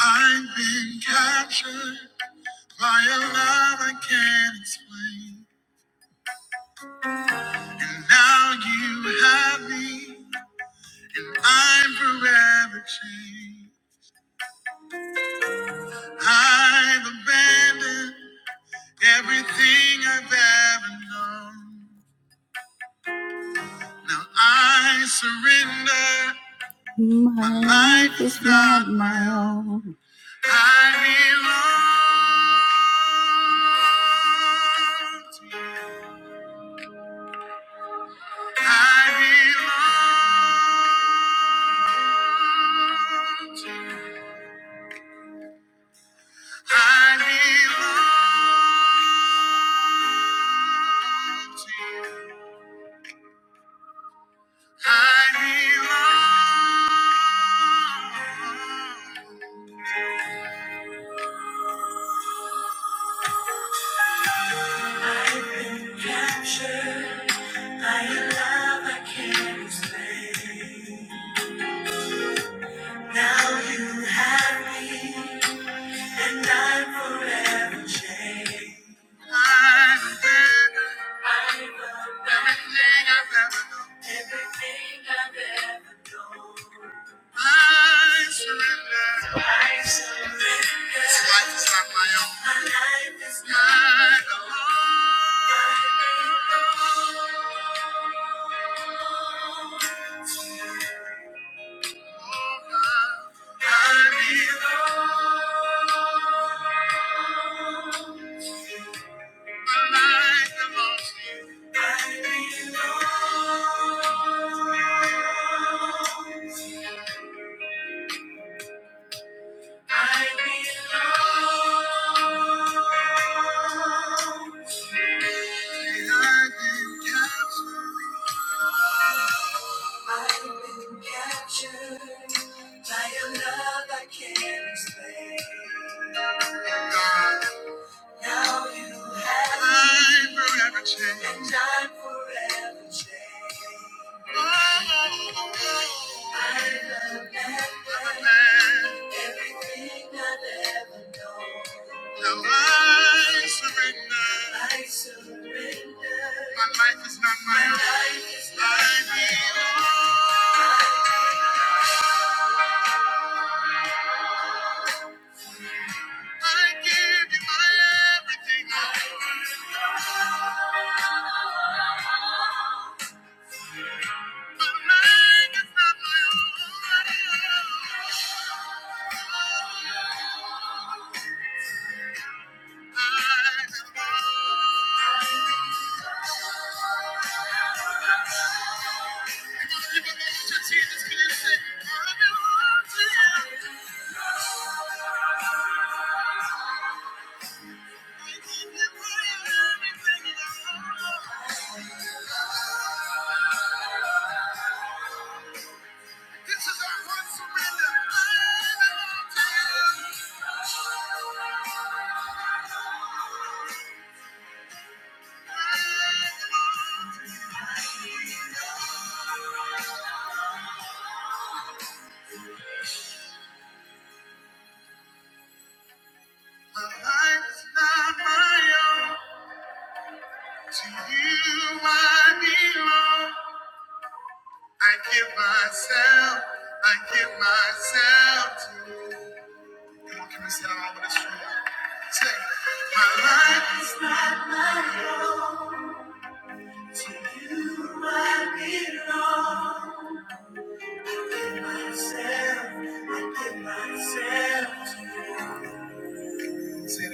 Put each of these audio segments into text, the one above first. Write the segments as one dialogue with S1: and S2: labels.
S1: I've been captured by a love I can't explain. And now you have me. I'm forever changed. I've abandoned everything I've ever known. Now I surrender. My life is not my own. I belong to you. I belong I belong I belong. I've been captured by a love I can't explain. Now you have me. And I'm forever changed. I'm better. I'm forever, everything I've ever known. Everything I've ever known. I surrender. I surrender. This life is not my own. My life is mine alone. Mine alone. I belong. I I belong. I belong. I've been captured by a love I can't explain. Now you have I'm forever changed. And I'm forever changed. Oh, I love that man. Everything I've ever known. Now I surrender. I surrender. My life is not my my own. life is not I my belong. own. I give you my everything. I belong. Myself, I give myself you. Come on, can we sit down this room? Say, my life is not my own. Say it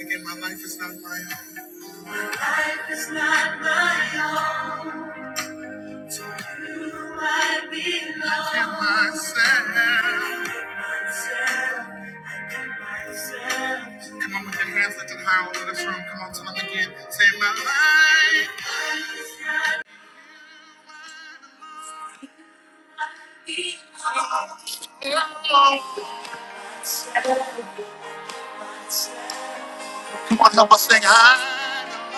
S1: again, my life is not my own. My life is not my own. To you I belong. I give myself. I give myself. I give myself. Come on, with your hands lifted high all over this room. Come on, tell them again. Say my life. My life is not my own. One number sing high.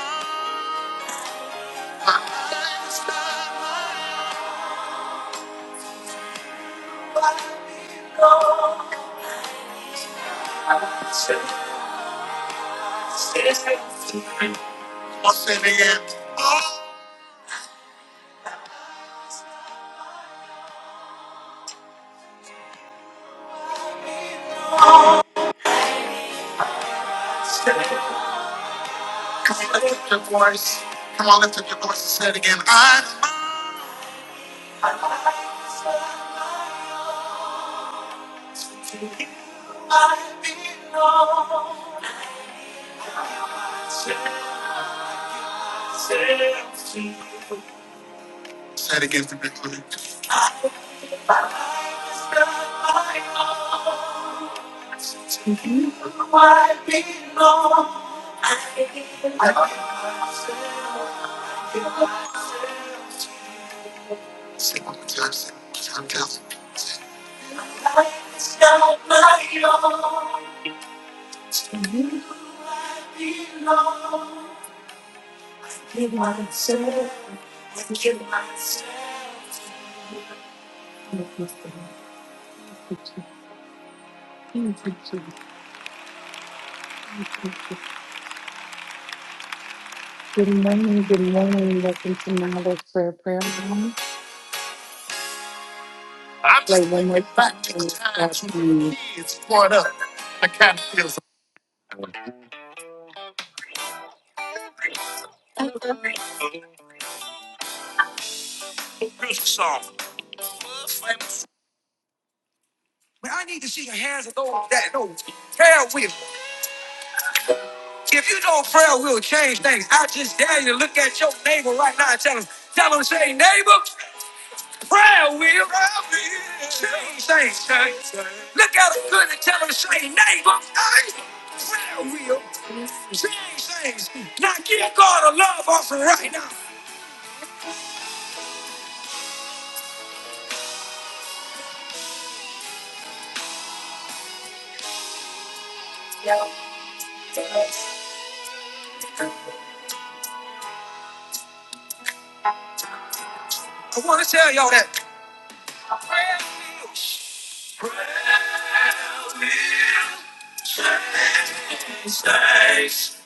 S1: One say it again. Come on, lift up your voice. Come on, lift up your voice and say it again. I myself to I belong. I myself to It's not my own. I belong. Give myself. I give myself. to you. Good morning, good morning. Welcome to Malice Prayer Prayer Room. Play one more time. and start the- Christmas song. Man, I need to see the hands of those that know prayer will. If you know prayer will change things, I just dare you to look at your neighbor right now and tell them, tell them, say, neighbor, prayer will change things. son." Look at them good and tell them, say, neighbor, hey, prayer will change things. Now give God a love offering right now. I want to tell y'all that Prayer mistakes.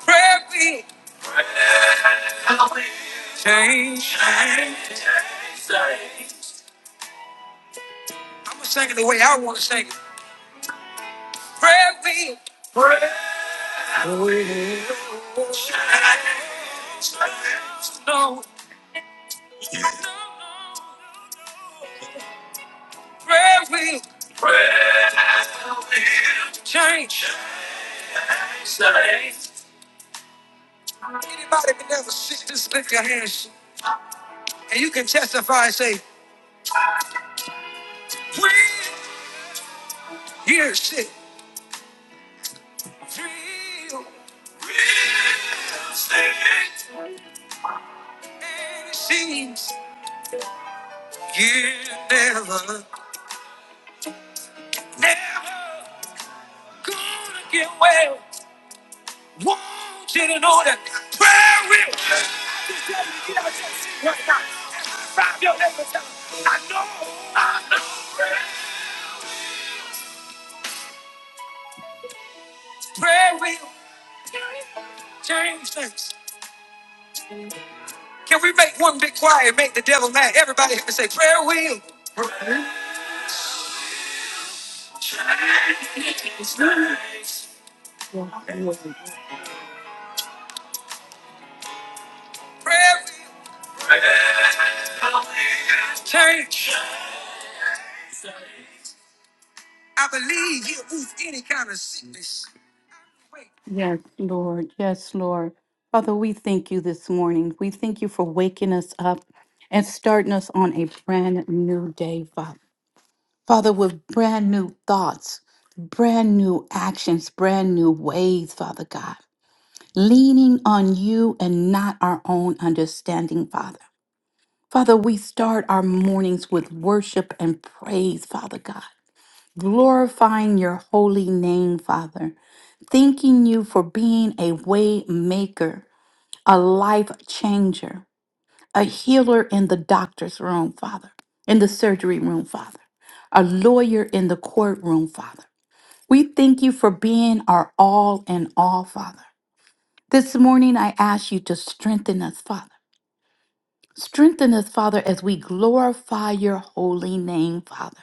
S1: Prayer we change. I'm gonna sing it the way I wanna sing it. Prayer we no. Prayer we change. Anybody can never sit, just lift your hands and you can testify and say, "Real, here's it. Real, real estate." And it seems you never, never gonna get well. Want you know that prayer will help you. I know prayer will change things. Can we make one big choir and make the devil mad? Everybody have to say prayer will. Prayer will change. I believe he'll move any kind of sickness. Wait. Yes, Lord. Yes, Lord. Father, we thank you this morning. We thank you for waking us up and starting us on a brand new day, Father. Father, with brand new thoughts, brand new actions, brand new ways, Father God, leaning on you and not our own understanding, Father. Father, we start our mornings with worship and praise, Father God, glorifying your holy name, Father, thanking you for being a way maker, a life changer, a healer in the doctor's room, Father, in the surgery room, Father, a lawyer in the courtroom, Father. We thank you for being our all in all, Father. This morning, I ask you to strengthen us, Father. Strengthen us, Father, as we glorify your holy name, Father.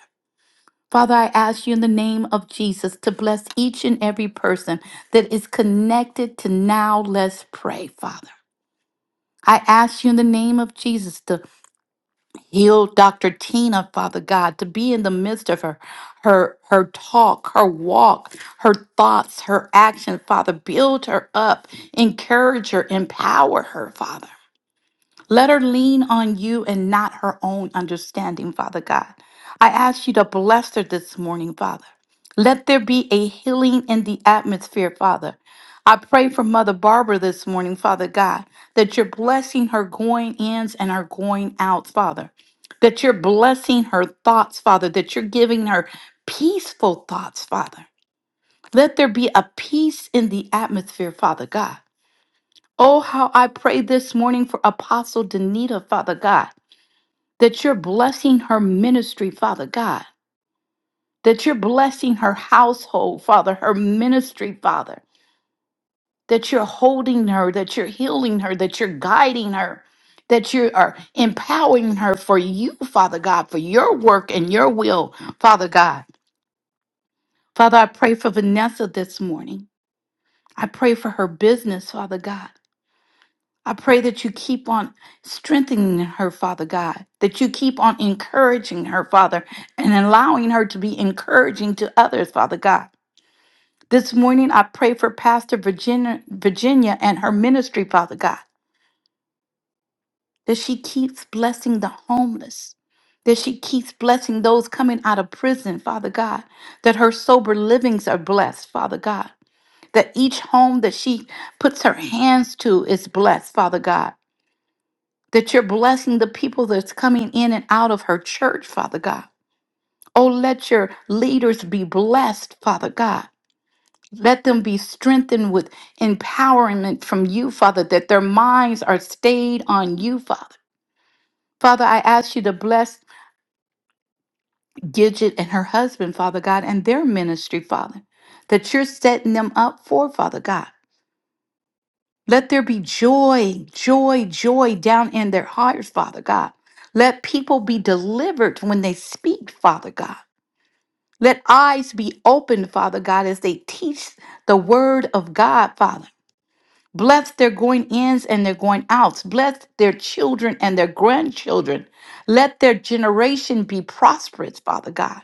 S1: Father, I ask you in the name of Jesus to bless each and every person that is connected to now. Let's pray, Father. I ask you in the name of Jesus to. Heal Dr. Tina, Father God, to be in the midst of her, her, her talk, her walk, her thoughts, her action, Father. Build her up, encourage her, empower her, Father. Let her lean on you and not her own understanding, Father God. I ask you to bless her this morning, Father. Let there be a healing in the atmosphere, Father. I pray for Mother Barbara this morning, Father God, that you're blessing her going ins and her going outs, Father. That you're blessing her thoughts, Father. That you're giving her peaceful thoughts, Father. Let there be a peace in the atmosphere, Father God. Oh, how I pray this morning for Apostle Danita, Father God, that you're blessing her ministry, Father God, that you're blessing her household, Father, her ministry, Father, that you're holding her, that you're healing her, that you're guiding her, that you are empowering her for you, Father God, for your work and your will, Father God. Father, I pray for Vanessa this morning. I pray for her business, Father God. I pray that you keep on strengthening her, Father God, that you keep on encouraging her, Father, and allowing her to be encouraging to others, Father God. This morning, I pray for Pastor Virginia, Virginia and her ministry, Father God, that she keeps blessing the homeless, that she keeps blessing those coming out of prison, Father God, that her sober livings are blessed, Father God, that each home that she puts her hands to is blessed, Father God that you're blessing the people that's coming in and out of her church, Father God. Oh, let your leaders be blessed, Father God. Let them be strengthened with empowerment from you, Father, that their minds are stayed on you, Father. Father, I ask you to bless Gidget and her husband, Father God, and their ministry, Father, that you're setting them up for, Father God. Let there be joy, joy, joy down in their hearts, Father God. Let people be delivered when they speak, Father God. Let eyes be opened, Father God, as they teach the word of God, Father. Bless their going ins and their going outs. Bless their children and their grandchildren. Let their generation be prosperous, Father God,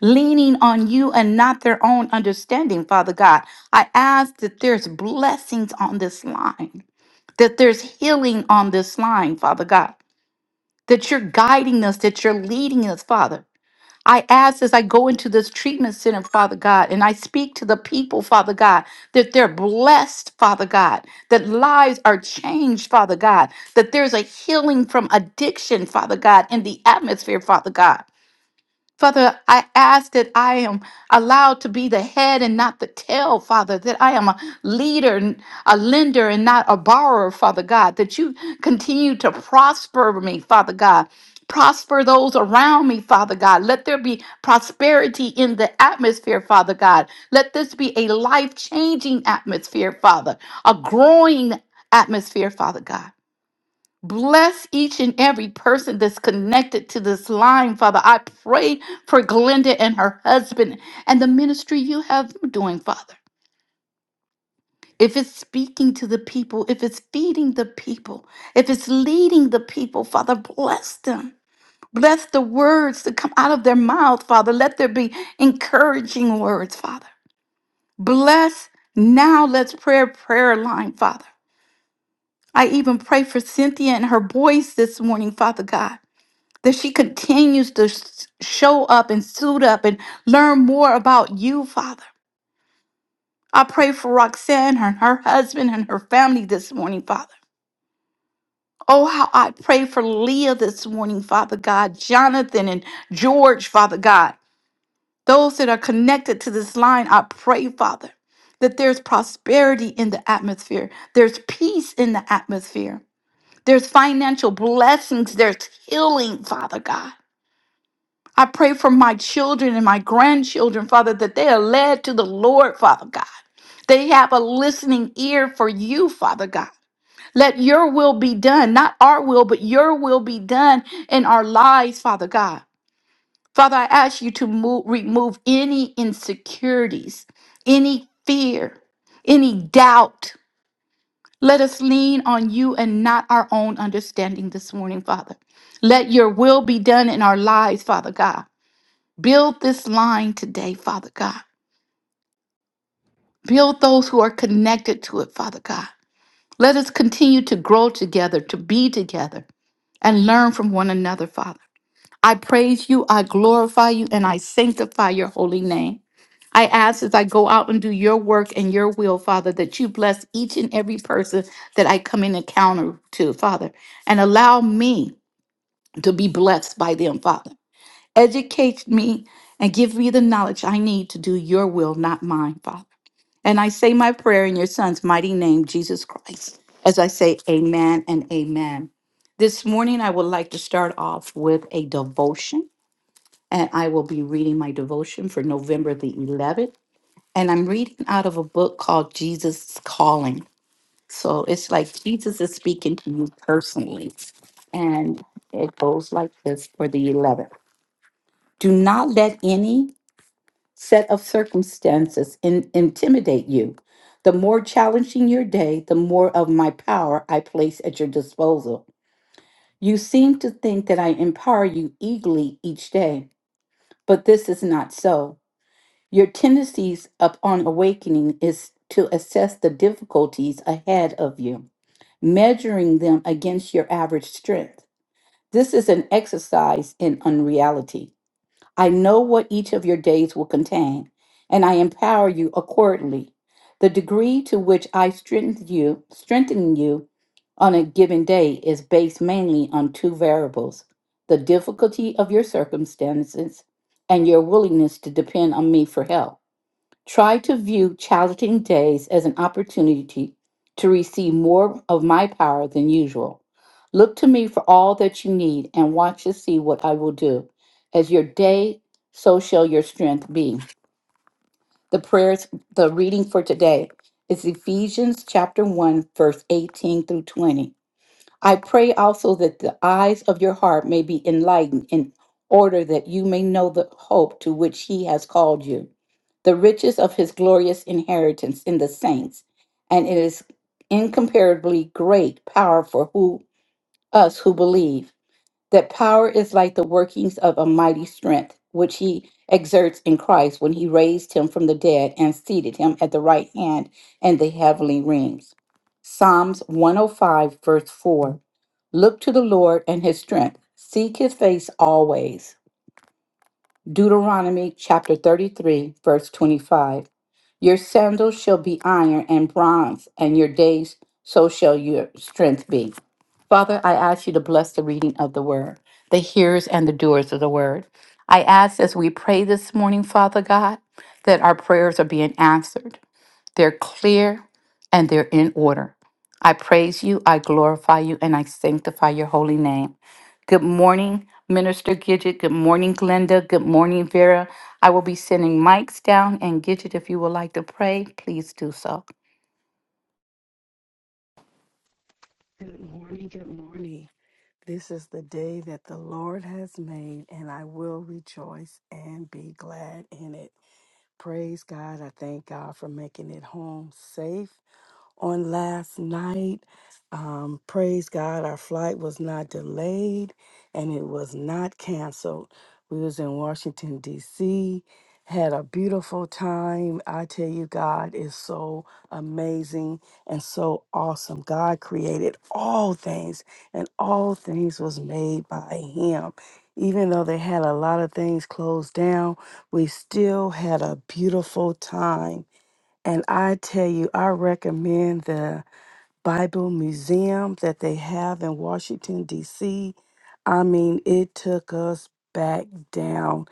S1: leaning on you and not their own understanding, Father God. I ask that there's blessings on this line that there's healing on this line, Father God, that you're guiding us, that you're leading us, Father. I ask as I go into this treatment center, Father God, and I speak to the people, Father God, that they're blessed, Father God, that lives are changed, Father God, that there's a healing from addiction, Father God, in the atmosphere, Father God. Father, I ask that I am allowed to be the head and not the tail, Father, that I am a leader, and a lender and not a borrower, Father God, that you continue to prosper me, Father God. Prosper those around me, Father God. Let there be prosperity in the atmosphere, Father God. Let this be a life changing atmosphere, Father, a growing atmosphere, Father God. Bless each and every person that's connected to this line, Father. I pray for Glenda and her husband and the ministry you have them doing, Father. If it's speaking to the people, if it's feeding the people, if it's leading the people, Father, bless them. Bless the words that come out of their mouth, Father. Let there be encouraging words, Father. Bless now, let's pray prayer line, Father. I even pray for Cynthia and her boys this morning, Father God. that she continues to s- show up and suit up and learn more about you, Father. I pray for Roxanne and her husband and her family this morning, Father. Oh, how I pray for Leah this morning, Father God, Jonathan and George, Father God. Those that are connected to this line, I pray, Father, that there's prosperity in the atmosphere, there's peace in the atmosphere, there's financial blessings, there's healing, Father God. I pray for my children and my grandchildren, Father, that they are led to the Lord, Father God. They have a listening ear for you, Father God. Let your will be done, not our will, but your will be done in our lives, Father God. Father, I ask you to move, remove any insecurities, any fear, any doubt. Let us lean on you and not our own understanding this morning, Father. Let your will be done in our lives, Father God. Build this line today, Father God. Build those who are connected to it, Father God. Let us continue to grow together, to be together, and learn from one another, Father. I praise you, I glorify you, and I sanctify your holy name. I ask as I go out and do your work and your will, Father, that you bless each and every person that I come in encounter to, Father, and allow me to be blessed by them, Father. Educate me and give me the knowledge I need to do your will, not mine, Father. And I say my prayer in your son's mighty name, Jesus Christ, as I say amen and amen. This morning, I would like to start off with a devotion, and I will be reading my devotion for November the 11th. And I'm reading out of a book called Jesus' Calling. So it's like Jesus is speaking to you personally. And it goes like this for the 11th. Do not let any set of circumstances in, intimidate you. The more challenging your day, the more of my power I place at your disposal. You seem to think that I empower you eagerly each day, but this is not so. Your tendencies upon awakening is to assess the difficulties ahead of you, measuring them against your average strength. This is an exercise in unreality. I know what each of your days will contain, and I empower you accordingly. The degree to which I strengthen you, strengthen you on a given day is based mainly on two variables: the difficulty of your circumstances and your willingness to depend on me for help. Try to view challenging days as an opportunity to receive more of my power than usual. Look to me for all that you need and watch to see what I will do. As your day, so shall your strength be. The prayers, the reading for today is Ephesians chapter 1, verse 18 through 20. I pray also that the eyes of your heart may be enlightened in order that you may know the hope to which he has called you, the riches of his glorious inheritance in the saints, and it is incomparably great power for who us who believe that power is like the workings of a mighty strength, which he exerts in Christ when he raised him from the dead and seated him at the right hand in the heavenly rings. Psalms 105, verse 4. Look to the Lord and his strength, seek his face always. Deuteronomy chapter 33, verse 25. Your sandals shall be iron and bronze, and your days so shall your strength be. Father, I ask you to bless the reading of the word, the hearers and the doers of the word. I ask as we pray this morning, Father God, that our prayers are being answered. They're clear and they're in order. I praise you, I glorify you, and I sanctify your holy name. Good morning, Minister Gidget. Good morning, Glenda. Good morning, Vera. I will be sending mics down, and Gidget, if you would like to pray, please do so.
S2: Good morning, good morning. This is the day that the Lord has made, and I will rejoice and be glad in it. Praise God. I thank God for making it home safe on last night. Um, praise God, our flight was not delayed and it was not canceled. We was in Washington D.C. Had a beautiful time. I tell you, God is so amazing and so awesome. God created all things, and all things was made by Him. Even though they had a lot of things closed down, we still had a beautiful time. And I tell you, I recommend the Bible Museum that they have in Washington, D.C. I mean, it took us back down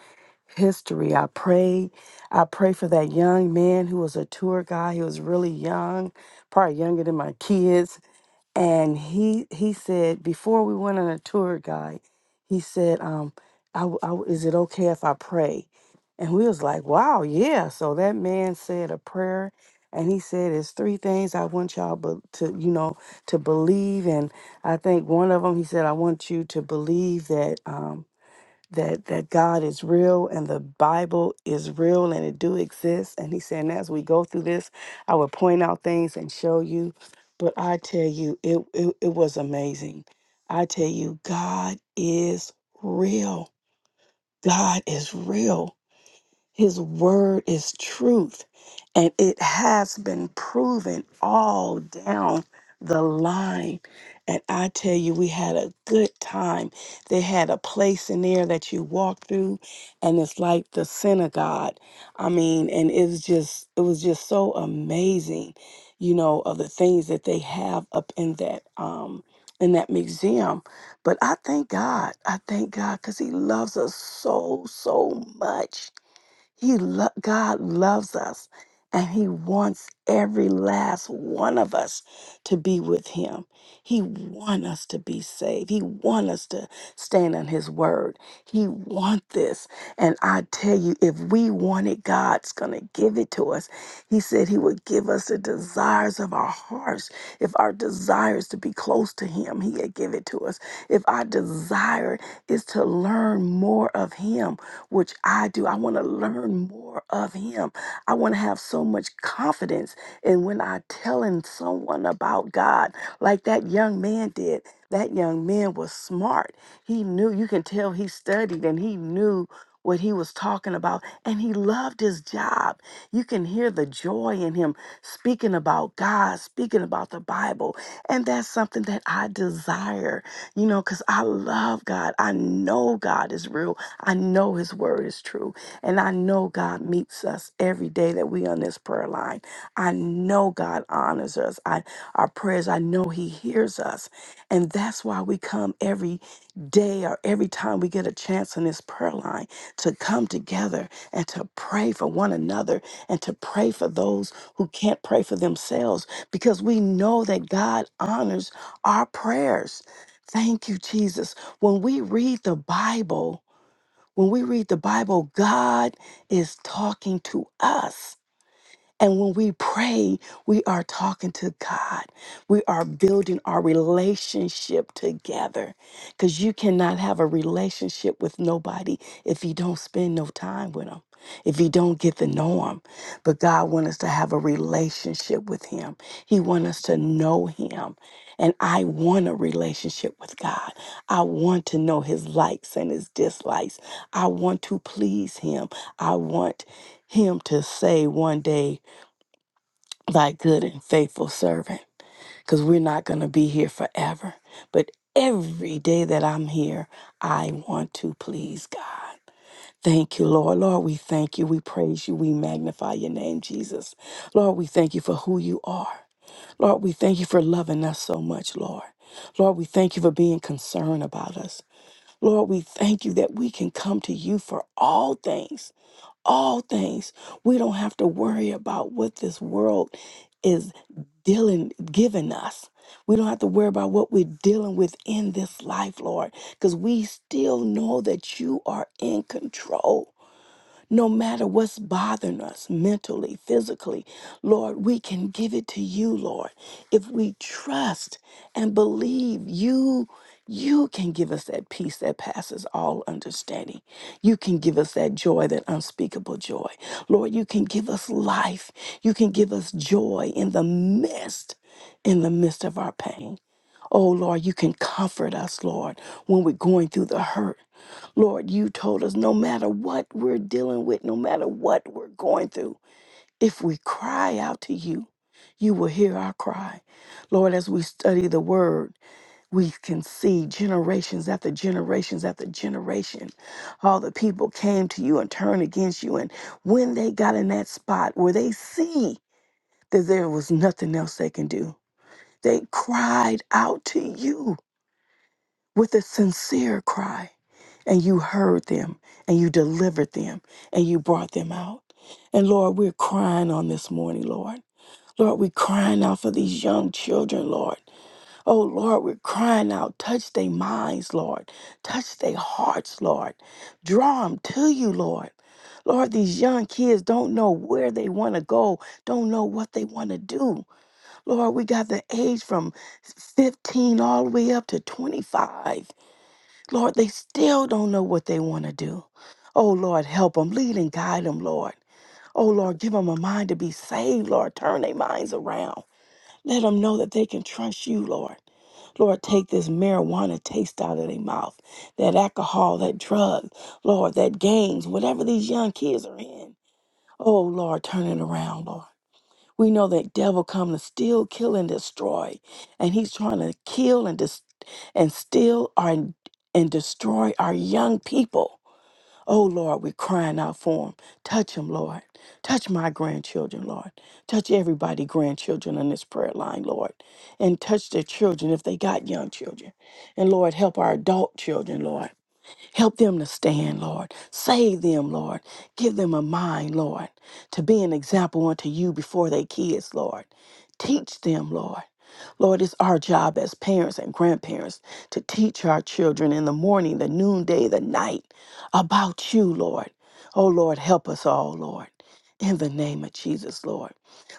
S2: history. I pray. I pray for that young man who was a tour guy. He was really young, probably younger than my kids and he he said before we went on a tour guide he said um I, w- I w- is it okay if i pray and we was like wow yeah so that man said a prayer and he said it's three things i want y'all be- to you know to believe and i think one of them he said i want you to believe that um, that that God is real and the Bible is real and it do exist. And he said, and as we go through this, I will point out things and show you. But I tell you, it it, it was amazing. I tell you, God is real. God is real. His word is truth, and it has been proven all down the line. And I tell you, we had a good time. They had a place in there that you walk through, and it's like the synagogue. I mean, and it's just, it was just so amazing, you know, of the things that they have up in that, um, in that museum. But I thank God. I thank God because He loves us so, so much he lo- God loves us and he wants every last one of us to be with him. He wants us to be saved. He wants us to stand on his word. He wants this. And I tell you if we want it God's going to give it to us. He said he would give us the desires of our hearts. If our desire is to be close to him, he'll give it to us. If our desire is to learn more of him, which I do. I want to learn more of Him. I want to have so much confidence in when I telling someone about God, like that young man did. That young man was smart. He knew. You can tell he studied and he knew what he was talking about and he loved his job. You can hear the joy in him speaking about God, speaking about the Bible. And that's something that I desire, you know, because I love God. I know God is real. I know his word is true. And I know God meets us every day that we on this prayer line. I know God honors us. I our prayers, I know he hears us. And that's why we come every day or every time we get a chance on this prayer line to come together and to pray for one another and to pray for those who can't pray for themselves because we know that God honors our prayers. Thank you, Jesus. When we read the Bible, when we read the Bible, God is talking to us. And when we pray, we are talking to God. We are building our relationship together because you cannot have a relationship with nobody if you don't spend no time with them, if you don't get to know them. But God wants us to have a relationship with Him, He wants us to know Him. And I want a relationship with God. I want to know His likes and His dislikes. I want to please Him. I want Him to say one day, thy good and faithful servant because we're not going to be here forever. But every day that I'm here, I want to please God. Thank you, Lord. Lord, we thank you. We praise you. We magnify your name, Jesus. Lord, we thank you for who you are. Lord, we thank you for loving us so much, Lord. Lord, we thank you for being concerned about us. Lord, we thank you that we can come to you for all things all things. We don't have to worry about what this world is dealing giving us. We don't have to worry about what we're dealing with in this life, Lord, because we still know that you are in control. No matter what's bothering us mentally, physically, Lord, we can give it to you, Lord. If we trust and believe you, you can give us that peace that passes all understanding. You can give us that joy, that unspeakable joy. Lord, you can give us life. You can give us joy in the midst, in the midst of our pain. Oh Lord, you can comfort us, Lord, when we're going through the hurt. Lord, you told us no matter what we're dealing with, no matter what we're going through, if we cry out to you, you will hear our cry. Lord, as we study the word, we can see generations after generations after generation, all the people came to you and turned against you. And when they got in that spot where they see that there was nothing else they can do, they cried out to you with a sincere cry and you heard them and you delivered them and you brought them out. And Lord, we're crying on this morning, Lord. Lord, we're crying out for these young children, Lord. Oh, Lord, we're crying out. Touch their minds, Lord. Touch their hearts, Lord. Draw them to you, Lord. Lord, these young kids don't know where they want to go, don't know what they want to do. Lord, we got the age from 15 all the way up to 25. Lord, they still don't know what they want to do. Oh, Lord, help them, lead and guide them, Lord. Oh, Lord, give them a mind to be saved, Lord. Turn their minds around. Let them know that they can trust you, Lord. Lord, take this marijuana taste out of their mouth, that alcohol, that drug, Lord, that games, whatever these young kids are in. Oh, Lord, turn it around, Lord. We know that devil come to steal, kill, and destroy, and he's trying to kill and dis- and steal our and destroy our young people. Oh Lord, we're crying out for him. Touch him, Lord. Touch my grandchildren, Lord. Touch everybody, grandchildren on this prayer line, Lord, and touch their children if they got young children, and Lord, help our adult children, Lord. Help them to stand, Lord. Save them, Lord. Give them a mind, Lord, to be an example unto you before their kids, Lord. Teach them, Lord. Lord, it's our job as parents and grandparents to teach our children in the morning, the noonday, the night about you, Lord. Oh, Lord, help us all, Lord. In the name of Jesus, Lord.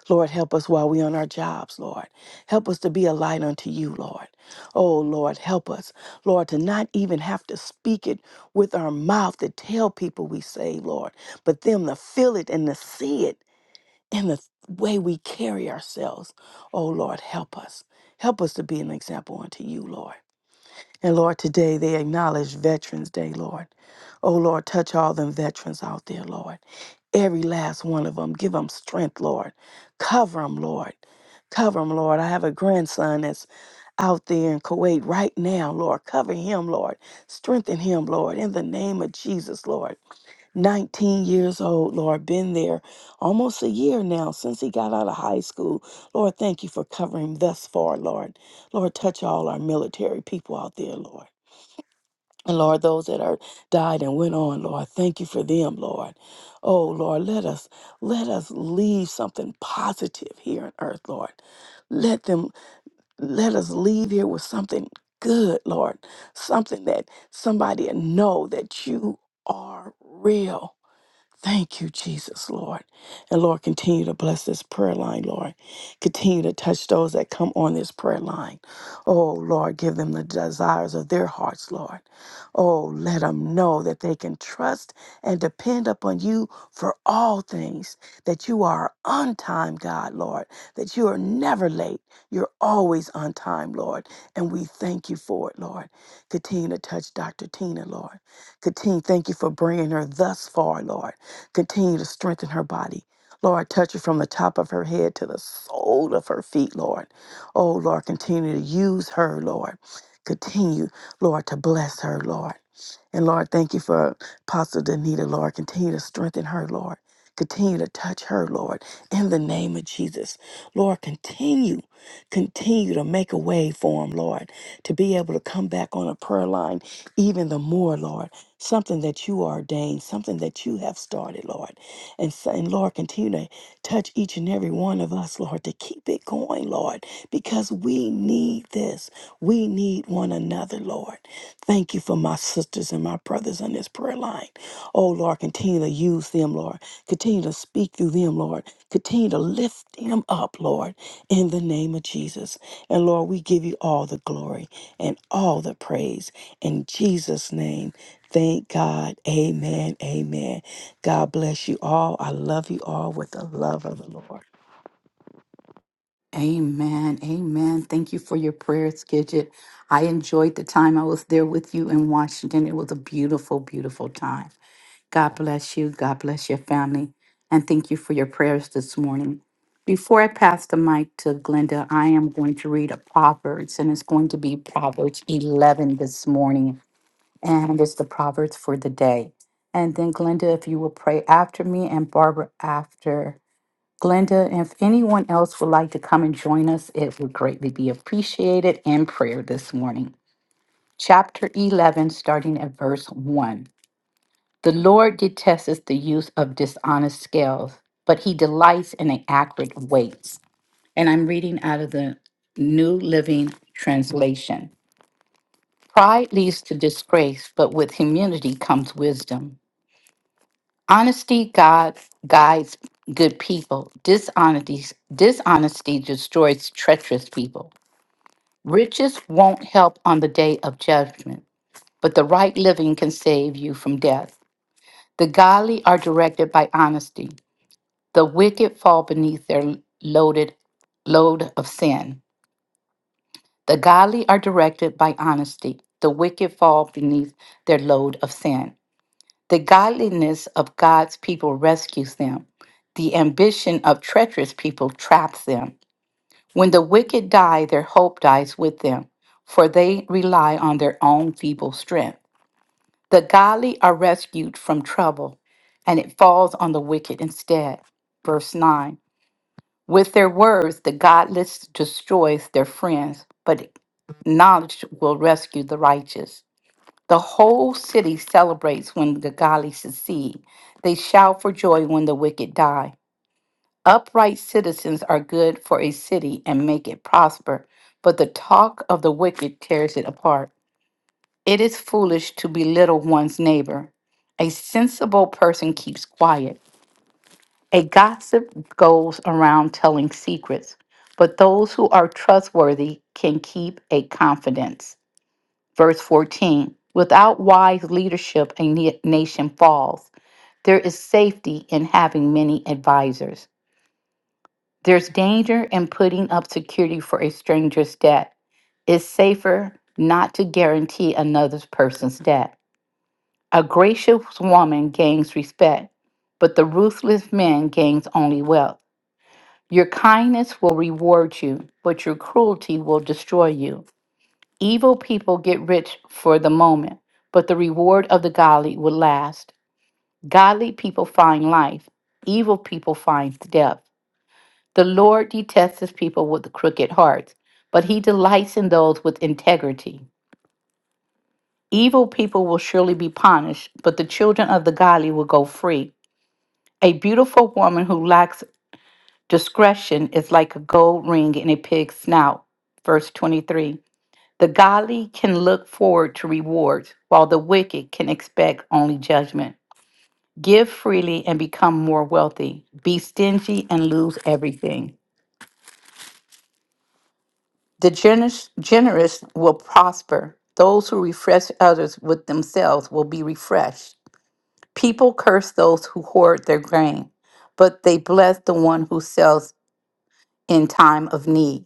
S2: Lord, help us while we're on our jobs, Lord. Help us to be a light unto you, Lord. Oh, Lord, help us, Lord, to not even have to speak it with our mouth to tell people we saved, Lord, but them to feel it and to see it in the way we carry ourselves. Oh, Lord, help us. Help us to be an example unto you, Lord. And Lord, today they acknowledge Veterans Day, Lord. Oh, Lord, touch all them veterans out there, Lord. Every last one of them. Give them strength, Lord. Cover them, Lord. Cover them, Lord. I have a grandson that's out there in Kuwait right now, Lord. Cover him, Lord. Strengthen him, Lord, in the name of Jesus, Lord. 19 years old, Lord, been there almost a year now since he got out of high school. Lord, thank you for covering him thus far, Lord. Lord, touch all our military people out there, Lord. And Lord, those that are died and went on, Lord, thank you for them, Lord. Oh Lord, let us let us leave something positive here on earth, Lord. Let them let us leave here with something good, Lord, something that somebody will know that you are real. Thank you, Jesus, Lord. And Lord, continue to bless this prayer line, Lord. Continue to touch those that come on this prayer line. Oh, Lord, give them the desires of their hearts, Lord. Oh, let them know that they can trust and depend upon you for all things, that you are on time, God, Lord, that you are never late. You're always on time, Lord. And we thank you for it, Lord. Continue to touch Dr. Tina, Lord. Continue, thank you for bringing her thus far, Lord. Continue to strengthen her body. Lord, touch her from the top of her head to the sole of her feet, Lord. Oh, Lord, continue to use her, Lord. Continue, Lord, to bless her, Lord. And Lord, thank you for Apostle Danita, Lord. Continue to strengthen her, Lord. Continue to touch her, Lord, in the name of Jesus. Lord, continue, continue to make a way for him, Lord, to be able to come back on a prayer line even the more, Lord. Something that you ordained, something that you have started, Lord. And, so, and Lord, continue to touch each and every one of us, Lord, to keep it going, Lord, because we need this. We need one another, Lord. Thank you for my sisters and my brothers on this prayer line. Oh, Lord, continue to use them, Lord. Continue to speak through them, Lord. Continue to lift them up, Lord, in the name of Jesus. And Lord, we give you all the glory and all the praise in Jesus' name. Thank God. Amen. Amen. God bless you all. I love you all with the love of the Lord.
S1: Amen. Amen. Thank you for your prayers, Gidget. I enjoyed the time I was there with you in Washington. It was a beautiful, beautiful time. God bless you. God bless your family. And thank you for your prayers this morning. Before I pass the mic to Glenda, I am going to read a Proverbs, and it's going to be Proverbs 11 this morning. And it's the Proverbs for the day. And then, Glenda, if you will pray after me and Barbara after. Glenda, if anyone else would like to come and join us, it would greatly be appreciated in prayer this morning. Chapter 11, starting at verse 1. The Lord detests the use of dishonest scales, but he delights in an accurate weights. And I'm reading out of the New Living Translation. Pride leads to disgrace, but with humility comes wisdom. Honesty God guides good people. Dishonesty, dishonesty destroys treacherous people. Riches won't help on the day of judgment, but the right living can save you from death. The godly are directed by honesty. The wicked fall beneath their loaded load of sin. The godly are directed by honesty. The wicked fall beneath their load of sin. The godliness of God's people rescues them. The ambition of treacherous people traps them. When the wicked die, their hope dies with them, for they rely on their own feeble strength. The godly are rescued from trouble, and it falls on the wicked instead. Verse 9 With their words, the godless destroys their friends, but knowledge will rescue the righteous. The whole city celebrates when the godly succeed. They shout for joy when the wicked die. Upright citizens are good for a city and make it prosper, but the talk of the wicked tears it apart. It is foolish to belittle one's neighbor. A sensible person keeps quiet. A gossip goes around telling secrets, but those who are trustworthy can keep a confidence. Verse 14 Without wise leadership, a na- nation falls. There is safety in having many advisors. There's danger in putting up security for a stranger's debt. It's safer not to guarantee another person's debt. A gracious woman gains respect, but the ruthless man gains only wealth. Your kindness will reward you, but your cruelty will destroy you. Evil people get rich for the moment, but the reward of the godly will last. Godly people find life, evil people find death. The Lord detests his people with crooked hearts, but he delights in those with integrity. Evil people will surely be punished, but the children of the godly will go free. A beautiful woman who lacks discretion is like a gold ring in a pig's snout. Verse 23. The godly can look forward to rewards, while the wicked can expect only judgment. Give freely and become more wealthy. Be stingy and lose everything. The generous, generous will prosper. Those who refresh others with themselves will be refreshed. People curse those who hoard their grain, but they bless the one who sells in time of need.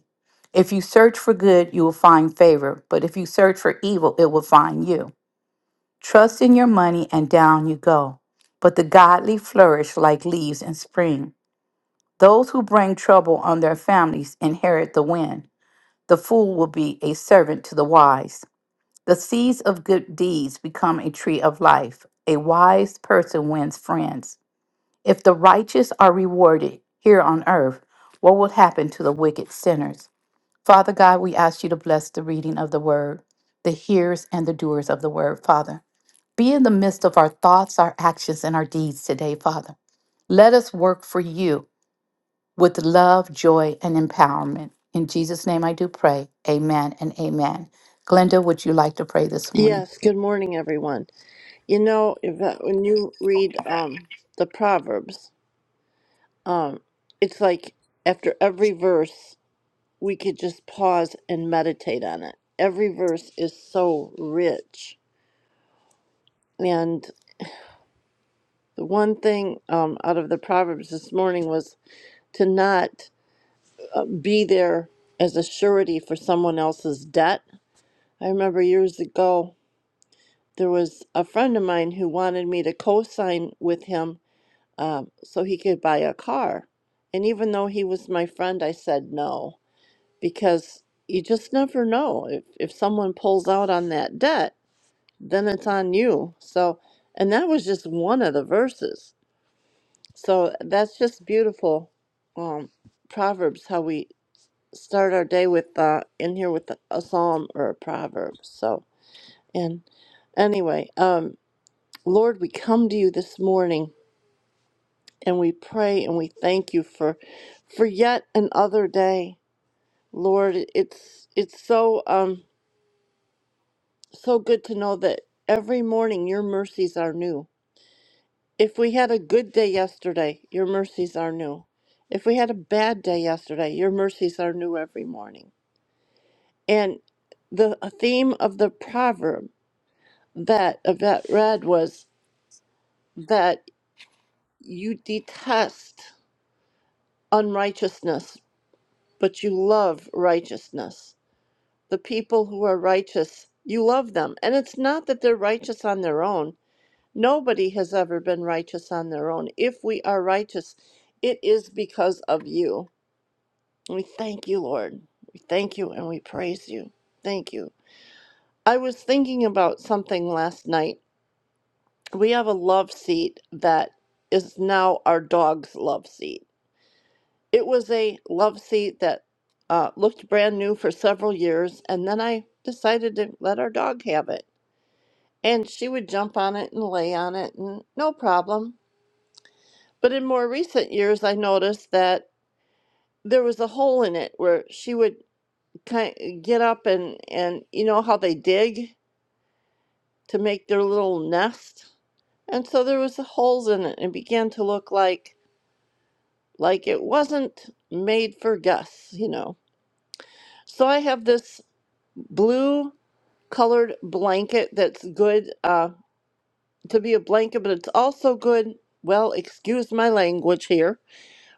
S1: If you search for good, you will find favor, but if you search for evil, it will find you. Trust in your money and down you go. But the godly flourish like leaves in spring. Those who bring trouble on their families inherit the wind. The fool will be a servant to the wise. The seeds of good deeds become a tree of life. A wise person wins friends. If the righteous are rewarded here on earth, what will happen to the wicked sinners? Father God, we ask you to bless the reading of the word, the hearers and the doers of the word, Father. Be in the midst of our thoughts, our actions, and our deeds today, Father. Let us work for you with love, joy, and empowerment. In Jesus' name I do pray. Amen and amen. Glenda, would you like to pray this morning?
S3: Yes, good morning, everyone. You know, Yvette, when you read um, the Proverbs, it's like after every verse, we could just pause and meditate on it. Every verse is so rich. And the one thing um, out of the Proverbs this morning was to not be there as a surety for someone else's debt. I remember years ago, there was a friend of mine who wanted me to co sign with him um, so he could buy a car. And even though he was my friend, I said no because you just never know. If, if someone pulls out on that debt, then it's on you. So, and that was just one of the verses. So that's just beautiful. Um, Proverbs, how we start our day with uh, in here with a psalm or a proverb. So, and anyway, um, Lord, we come to you this morning and we pray and we thank you for for yet another day lord it's it's so um so good to know that every morning your mercies are new if we had a good day yesterday your mercies are new if we had a bad day yesterday your mercies are new every morning and the theme of the proverb that yvette read was that you detest unrighteousness but you love righteousness the people who are righteous, you love them. And it's not that they're righteous on their own. Nobody has ever been righteous on their own. If we are righteous, it is because of you. We thank you, Lord. We thank you and we praise you. Thank you. I was thinking about something last night. We have a love seat that is now our dog's love seat. It was a love seat that uh, looked brand new for several years, and then I decided to let our dog have it and she would jump on it and lay on it and no problem. But in more recent years, I noticed that there was a hole in it where she would kind get up and and you know how they dig to make their little nest, and so there was holes in it and it began to look like like it wasn't made for Gus, you know. So I have this blue colored blanket that's good uh, to be a blanket, but it's also good. Well, excuse my language here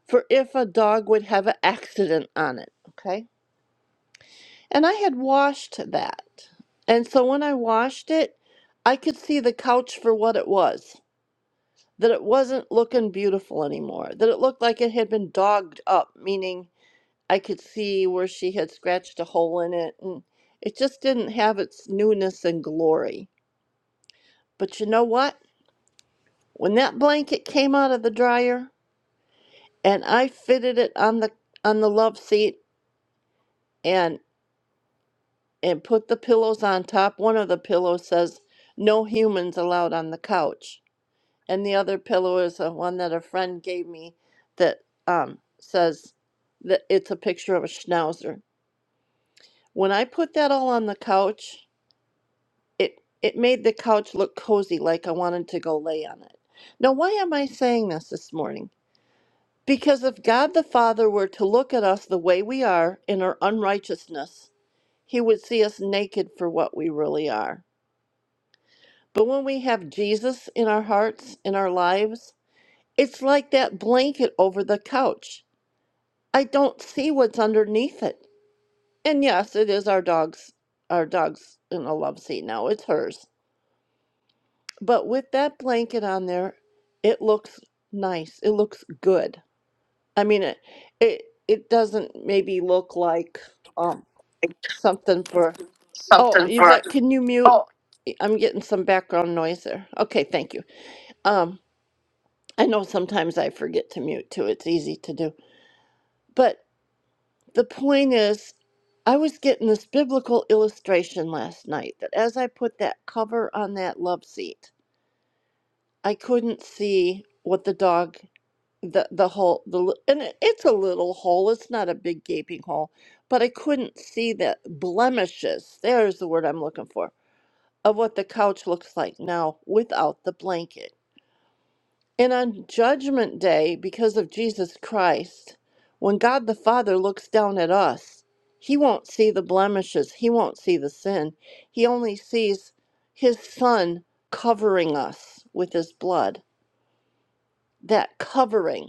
S3: for if a dog would have an accident on it. Okay. And I had washed that. And so when I washed it, I could see the couch for what it was that it wasn't looking beautiful anymore, that it looked like it had been dogged up, meaning I could see where she had scratched a hole in it. And it just didn't have its newness and glory. But you know what? When that blanket came out of the dryer and I fitted it on the on the love seat and. and put the pillows on top. One of the pillows says, No humans allowed on the couch. And the other pillow is the one that a friend gave me that um, says that it's a picture of a schnauzer. When I put that all on the couch, it, it made the couch look cozy, like I wanted to go lay on it. Now, why am I saying this this morning? Because if God the Father were to look at us the way we are in our unrighteousness, he would see us naked for what we really are But when we have Jesus in our hearts, in our lives, it's like that blanket over the couch. I don't see what's underneath it. And yes, it is our dog's our dog's in a love seat now. It's hers. But with that blanket on there, it looks nice. It looks good. I mean it it it doesn't maybe look like um something for Oh, Yvette, can you mute? I'm getting some background noise there. Okay, thank you. Um. I know sometimes I forget to mute too. It's easy to do. But the point is, I was getting this biblical illustration last night that as I put that cover on that love seat, I couldn't see what the dog the the hole the li- and it, it's a little hole. It's not a big gaping hole, but I couldn't see the blemishes. There's the word I'm looking for of what the couch looks like now without the blanket And on Judgment Day, because of Jesus Christ, when God the Father looks down at us, he won't see the blemishes, he won't see the sin. He only sees his Son covering us with his blood. That covering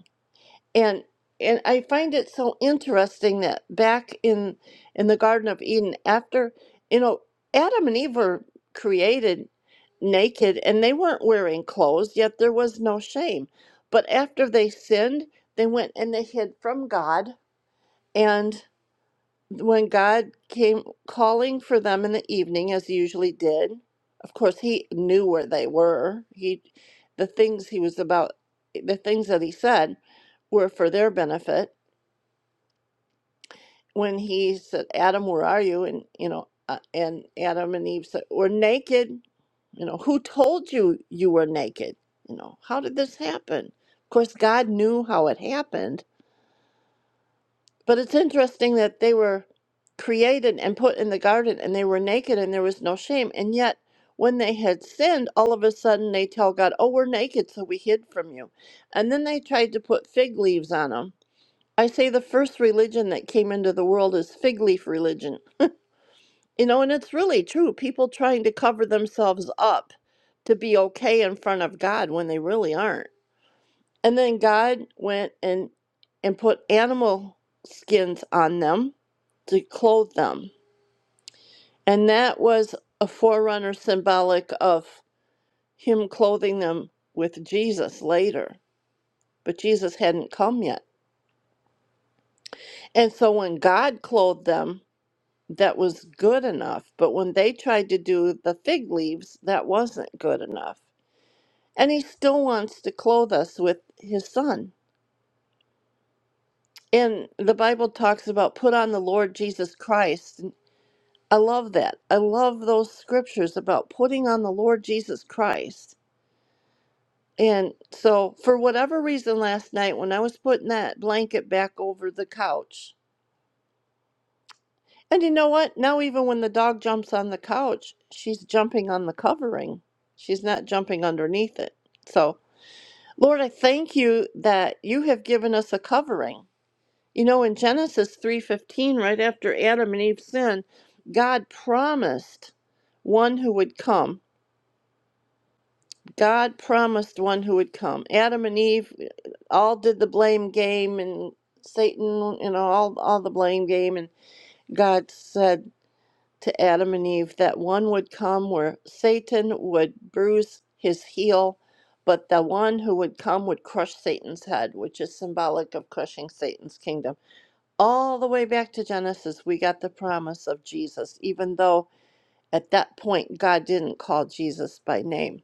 S3: and and I find it so interesting that back in in the Garden of Eden, after you know Adam and Eve were created naked and they weren't wearing clothes, yet there was no shame. But after they sinned, they went and they hid from God, and when God came calling for them in the evening, as he usually did, of course he knew where they were. He, the things he was about, the things that he said were for their benefit. When he said, "Adam, where are you?" and you know, uh, and Adam and Eve said, "We're naked." You know, who told you you were naked? You know, how did this happen? Of course, God knew how it happened But it's interesting that they were created and put in the garden and they were naked and there was no shame. And yet, when they had sinned, all of a sudden they tell God, Oh, we're naked, so we hid from you. And then they tried to put fig leaves on them. I say the first religion that came into the world is fig leaf religion. You know, and it's really true. People trying to cover themselves up to be okay in front of God when they really aren't. And then God went and and put animal skins on them to clothe them. And that was a forerunner symbolic of him clothing them with Jesus later. But Jesus hadn't come yet. And so when God clothed them, that was good enough. But when they tried to do the fig leaves, that wasn't good enough. And he still wants to clothe us with his son. And the Bible talks about put on the Lord Jesus Christ. I love that. I love those scriptures about putting on the Lord Jesus Christ. And so, for whatever reason, last night when I was putting that blanket back over the couch, and you know what? Now, even when the dog jumps on the couch, she's jumping on the covering, she's not jumping underneath it. So, Lord, I thank you that you have given us a covering. You know, in Genesis 3:15, right after Adam and Eve sinned, God promised one who would come God promised one who would come. Adam and Eve uh, all did the blame game and Satan, you know, all all the blame game and God said to Adam and Eve that one would come where Satan would bruise his heel, but the one who would come would crush Satan's head, which is symbolic of crushing Satan's kingdom. All the way back to Genesis, we got the promise of Jesus, even though at that point God didn't call Jesus by name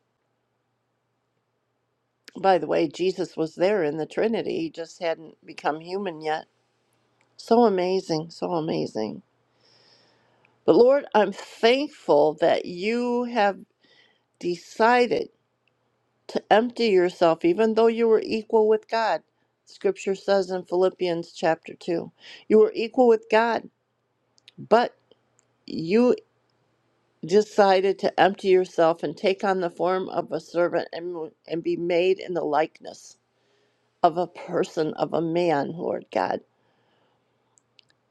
S3: By the way, Jesus was there in the Trinity, he just hadn't become human yet. So amazing, so amazing. But Lord, I'm thankful that you have decided to empty yourself, even though you were equal with God. Scripture says in Philippians chapter 2, you were equal with God, but you decided to empty yourself and take on the form of a servant and, and be made in the likeness of a person, of a man, Lord God.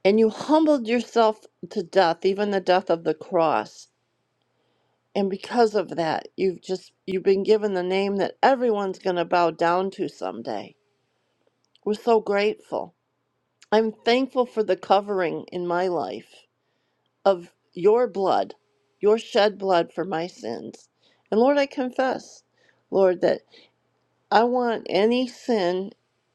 S3: And you humbled yourself to death, even the death of the cross. And because of that, you've just you've been given the name that everyone's going to bow down to someday. We're so grateful. I'm thankful for the covering in my life of your blood, your shed blood for my sins. And Lord, I confess, Lord, that I want any sin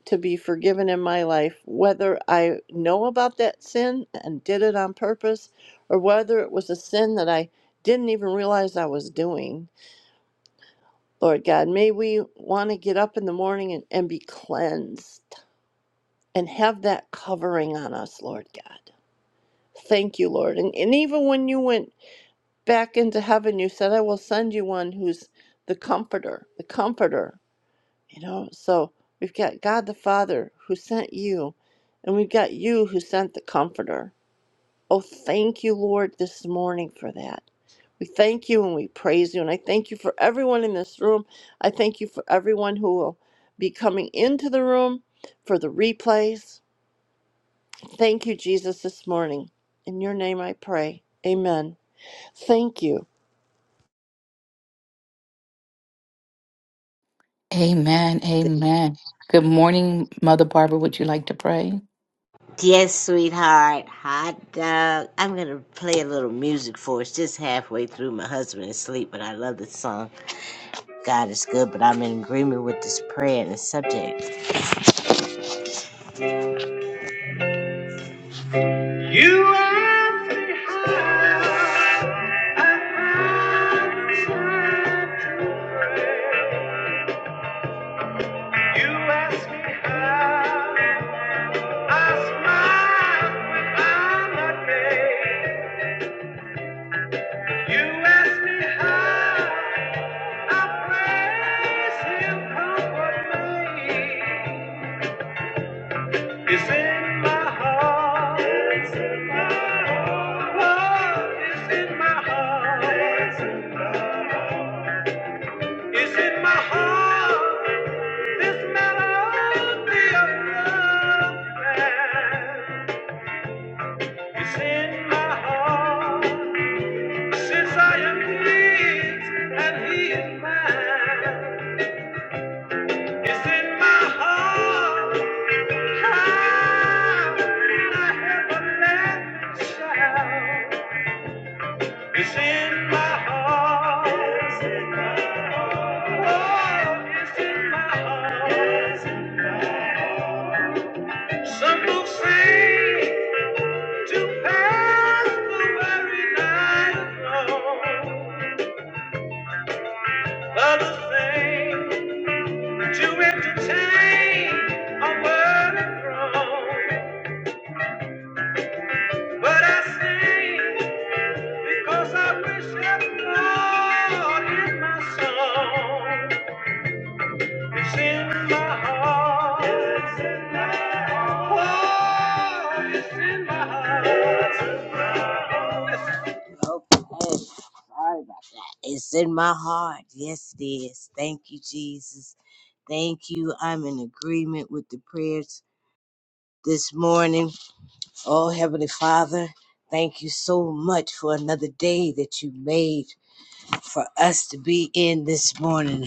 S3: to be forgiven in my life, whether I know about that sin and did it on purpose, or whether it was a sin that I didn't even realize I was doing. Lord God, may we want to get up in the morning and, and be cleansed and have that covering on us, Lord God. Thank you, Lord. And, and even when you went back into heaven, you said, I will send you one who's the comforter, the comforter. You know, so we've got God the Father who sent you, and we've got you who sent the Comforter. Oh, thank you, Lord, this morning for that. We thank you and we praise you. And I thank you for everyone in this room. I thank you for everyone who will be coming into the room for the replays. Thank you, Jesus, this morning. In your name I pray. Amen. Thank you.
S1: Amen. Amen. Good morning, Mother Barbara. Would you like to pray?
S4: Yes, sweetheart. Hot dog. I'm going to play a little music for us just halfway through. My husband is asleep, but I love this song. God is good, but I'm in agreement with this prayer and the subject. You ask me how, you ask me how. I smile when I'm not made. You ask me how, I praise Him, comfort me. It's in my heart. It's in my heart. Love is in my heart. It's in my heart. It's in my heart. This melody of love. It's in my heart. Since I am his and he is mine. It's in my heart. How can I help let it shout? It's in my heart. Oh, it's in my heart. Oh, It's in my heart. Some folks say to pass the weary night alone. Others say to entertain a world throne. But I sing because I worship God in my song. It's in my heart. It's in my heart. Oh, it's in my heart. It's in my heart. Okay. Sorry about that. It's in my heart. Yes, it is. Thank you, Jesus. Thank you. I'm in agreement with the prayers this morning. Oh, Heavenly Father, thank you so much for another day that you made for us to be in this morning.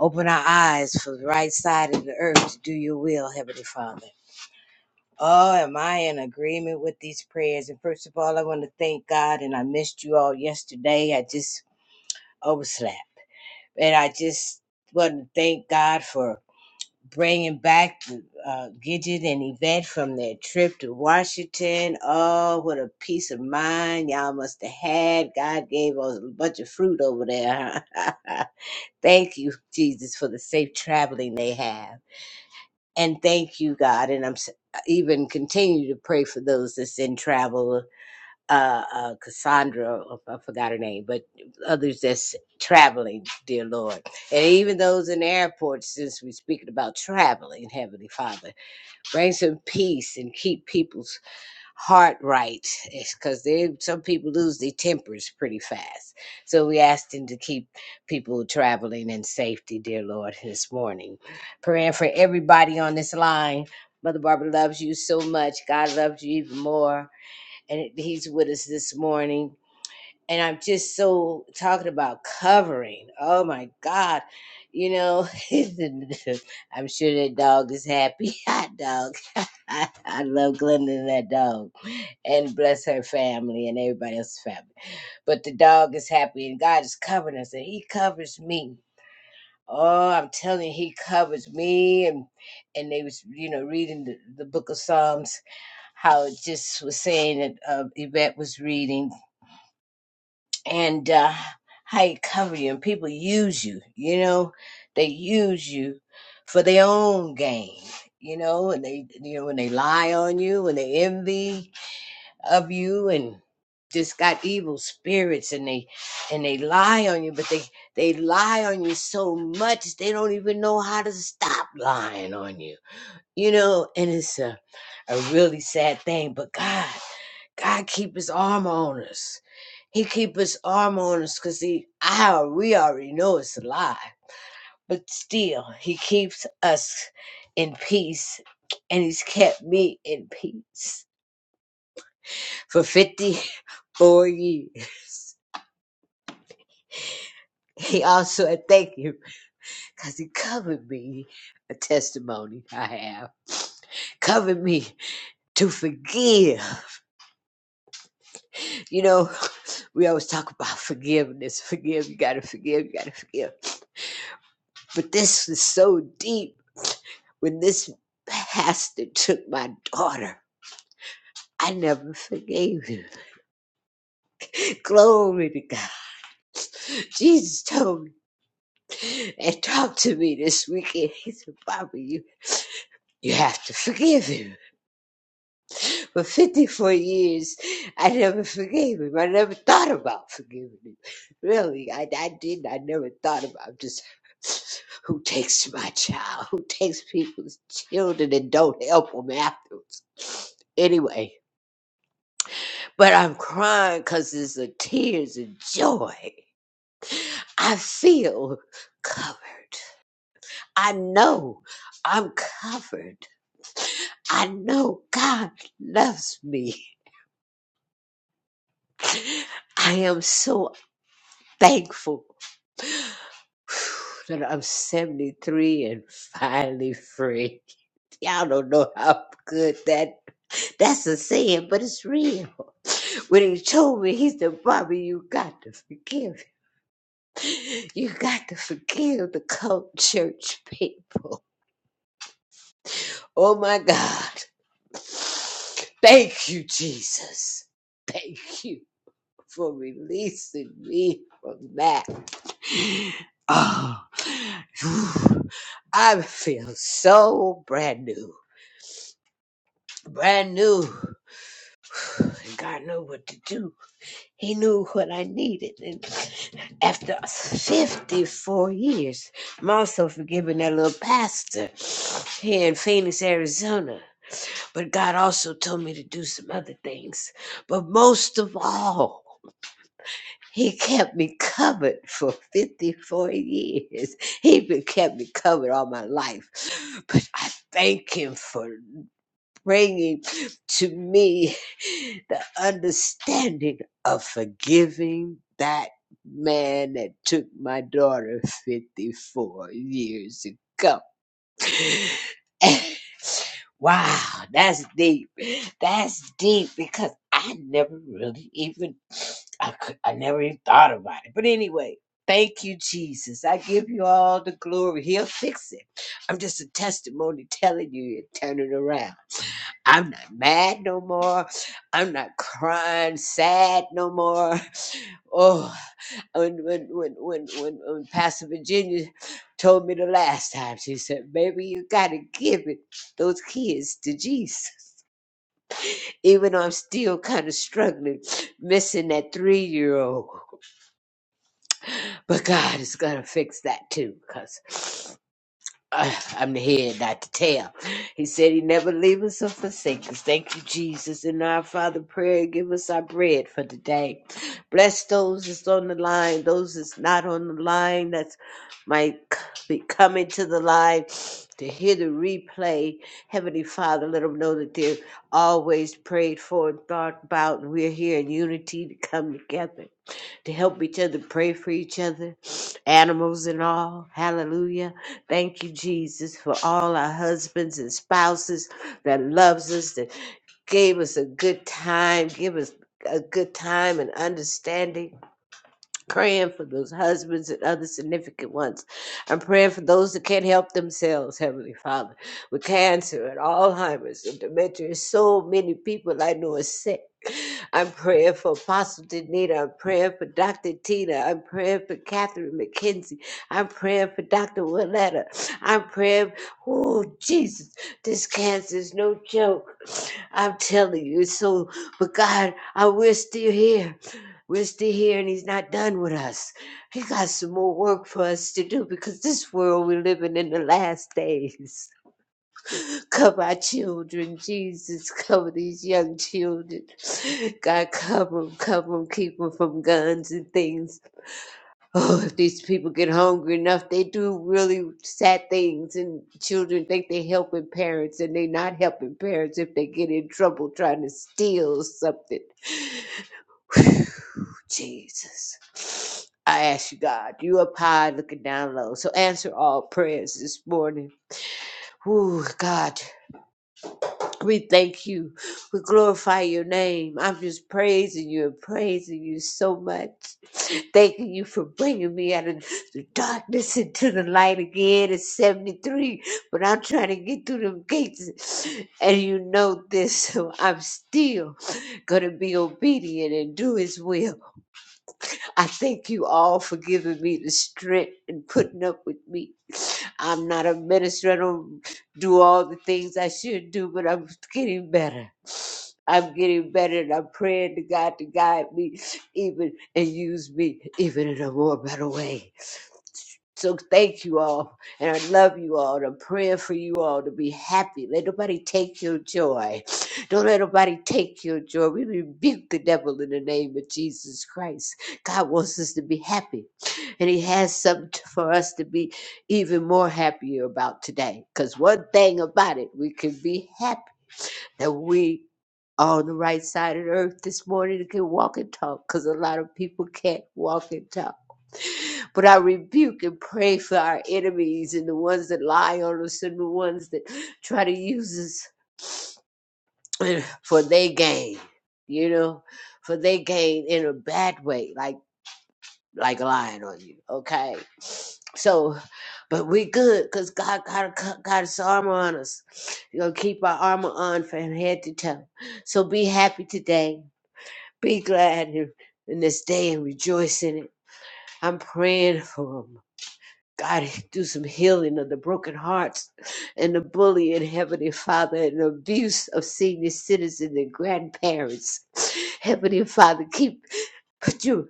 S4: Open our eyes for the right side of the earth to do your will, Heavenly Father. Oh, am I in agreement with these prayers? And first of all, I want to thank God, and I missed you all yesterday. I just overslept. And I just want to thank God for bringing back uh, Gidget and Yvette from their trip to Washington. Oh, what a peace of mind y'all must have had. God gave us a bunch of fruit over there. Huh? thank you, Jesus, for the safe traveling they have. And thank you, God. And I'm s- even continue to pray for those that's in travel uh, uh, Cassandra, oh, I forgot her name, but others that's traveling, dear Lord. And even those in airports, since we're speaking about traveling, Heavenly Father, bring some peace and keep people's heart right. Because some people lose their tempers pretty fast. So we asked Him to keep people traveling in safety, dear Lord, this morning. Praying for everybody on this line. Mother Barbara loves you so much. God loves you even more and he's with us this morning. And I'm just so talking about covering. Oh my God. You know, I'm sure that dog is happy. Hot dog. I love Glenda and that dog. And bless her family and everybody else's family. But the dog is happy and God is covering us and he covers me. Oh, I'm telling you, he covers me and and they was, you know, reading the, the book of Psalms how it just was saying that uh, Yvette was reading and uh, how you cover you and people use you, you know, they use you for their own gain, you know, and they, you know, when they lie on you and they envy of you and just got evil spirits and they and they lie on you but they they lie on you so much they don't even know how to stop lying on you you know, and it's a, a really sad thing. But God, God keep His arm on us. He keep His arm on us because He, I, we already know it's a lie, but still, He keeps us in peace, and He's kept me in peace for fifty four years. He also, I thank Him because He covered me. A testimony I have covered me to forgive. You know, we always talk about forgiveness, forgive, you gotta forgive, you gotta forgive. But this was so deep. When this pastor took my daughter, I never forgave him. Glory to God. Jesus told me and talked to me this weekend. He said, Bobby, you, you have to forgive him. For 54 years, I never forgave him. I never thought about forgiving him. Really, I, I didn't. I never thought about just who takes my child, who takes people's children and don't help them afterwards. Anyway, but I'm crying because it's the tears of joy. I feel covered. I know I'm covered. I know God loves me. I am so thankful that I'm 73 and finally free. Y'all don't know how good that that's a saying, but it's real. When he told me, he said, Bobby, you got to forgive. him. You got to forgive the cult church people. Oh my God. Thank you, Jesus. Thank you for releasing me from that. Oh, whew. I feel so brand new. Brand new. God knew what to do. He knew what I needed. And after 54 years, I'm also forgiving that little pastor here in Phoenix, Arizona. But God also told me to do some other things. But most of all, He kept me covered for 54 years. He been kept me covered all my life. But I thank him for bringing to me the understanding of forgiving that man that took my daughter 54 years ago. wow, that's deep. That's deep because I never really even I, cou- I never even thought about it. But anyway, thank you, Jesus. I give you all the glory. He'll fix it. I'm just a testimony telling you and turn it around. I'm not mad no more. I'm not crying sad no more. Oh, when when when when when, when Pastor Virginia told me the last time, she said, "Baby, you gotta give it those kids to Jesus." Even though I'm still kind of struggling, missing that three year old, but God is gonna fix that too, cause Uh, I'm the head, not the tail. He said he never leave us or forsake us. Thank you, Jesus. And our Father, prayer, give us our bread for today. Bless those that's on the line, those that's not on the line, that's might c- be coming to the line to hear the replay. Heavenly Father, let them know that they're always prayed for and thought about, and we're here in unity to come together to help each other, pray for each other, animals and all. Hallelujah. Thank you, Jesus, for all our husbands and spouses that loves us, that gave us a good time, give us a good time and understanding praying for those husbands and other significant ones. I'm praying for those that can't help themselves, Heavenly Father, with cancer and Alzheimer's and dementia. So many people I know are sick. I'm praying for Apostle Danita. I'm praying for Dr. Tina. I'm praying for Catherine McKenzie. I'm praying for Dr. Willetta. I'm praying, oh, Jesus, this cancer is no joke. I'm telling you, so, but God, I, we're still here. We're still here and he's not done with us. He got some more work for us to do because this world we're living in the last days. Cover our children, Jesus. Cover these young children. God, cover them, cover them, keep them from guns and things. Oh, if these people get hungry enough, they do really sad things. And children think they're helping parents and they're not helping parents if they get in trouble trying to steal something. Jesus. I ask you, God, you up high looking down low. So answer all prayers this morning. Ooh, God, we thank you. We glorify your name. I'm just praising you and praising you so much. Thanking you for bringing me out of the darkness into the light again at 73. But I'm trying to get through them gates. And you know this, so I'm still going to be obedient and do his will. I thank you all for giving me the strength and putting up with me. I'm not a minister. I don't do all the things I should do, but I'm getting better. I'm getting better, and I'm praying to God to guide me even and use me even in a more better way. So thank you all. And I love you all. And I'm praying for you all to be happy. Let nobody take your joy. Don't let nobody take your joy. We rebuke the devil in the name of Jesus Christ. God wants us to be happy. And he has something for us to be even more happier about today. Because one thing about it, we can be happy that we are on the right side of the earth this morning and can walk and talk. Because a lot of people can't walk and talk. But I rebuke and pray for our enemies and the ones that lie on us and the ones that try to use us for their gain, you know, for their gain in a bad way, like like lying on you. Okay. So, but we good because God got, got his armor on us. you going to keep our armor on from head to toe. So be happy today. Be glad in, in this day and rejoice in it. I'm praying for them. God, do some healing of the broken hearts and the bullying, Heavenly Father, and the abuse of senior citizens and grandparents. Heavenly Father, keep, put you,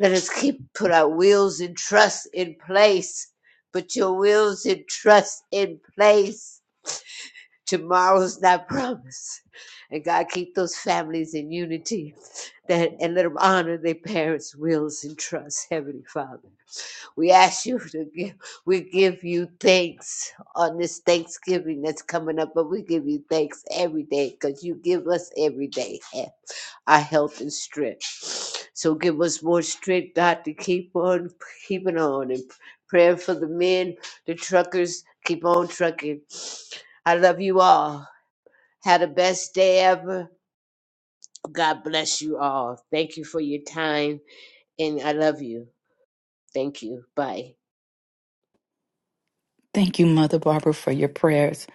S4: let us keep, put our wills and trust in place. Put your wills and trust in place. Tomorrow's not promised. And God, keep those families in unity that, and let them honor their parents' wills and trust, Heavenly Father. We ask you to give, we give you thanks on this Thanksgiving that's coming up, but we give you thanks every day because you give us every day he- our health and strength. So give us more strength, God, to keep on keeping on and prayer for the men, the truckers, keep on trucking. I love you all. Have the best day ever. God bless you all. Thank you for your time, and I love you. Thank you. Bye.
S1: Thank you, Mother Barbara, for your prayers.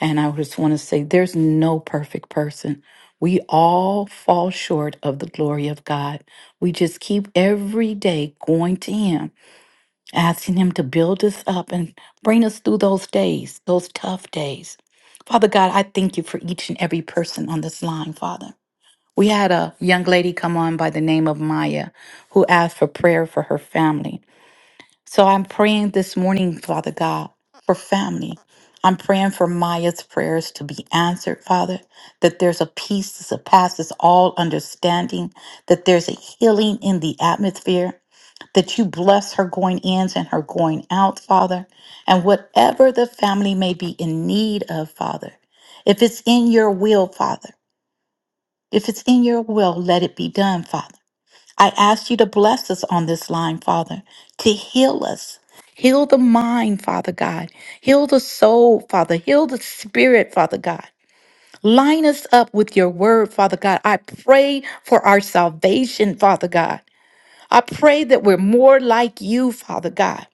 S1: And I just want to say there's no perfect person. We all fall short of the glory of God. We just keep every day going to Him asking Him to build us up and bring us through those days, those tough days. Father God, I thank you for each and every person on this line, Father. We had a young lady come on by the name of Maya who asked for prayer for her family. So I'm praying this morning, Father God, for family. I'm praying for Maya's prayers to be answered, Father, that there's a peace that surpasses all understanding, that there's a healing in the atmosphere, that you bless her going ins and her going out, Father, and whatever the family may be in need of, Father. If it's in your will, Father, if it's in your will, let it be done, Father. I ask you to bless us on this line, Father, to heal us. Heal the mind, Father God. Heal the soul, Father. Heal the spirit, Father God. Line us up with your word, Father God. I pray for our salvation, Father God. I pray that we're more like you, Father God,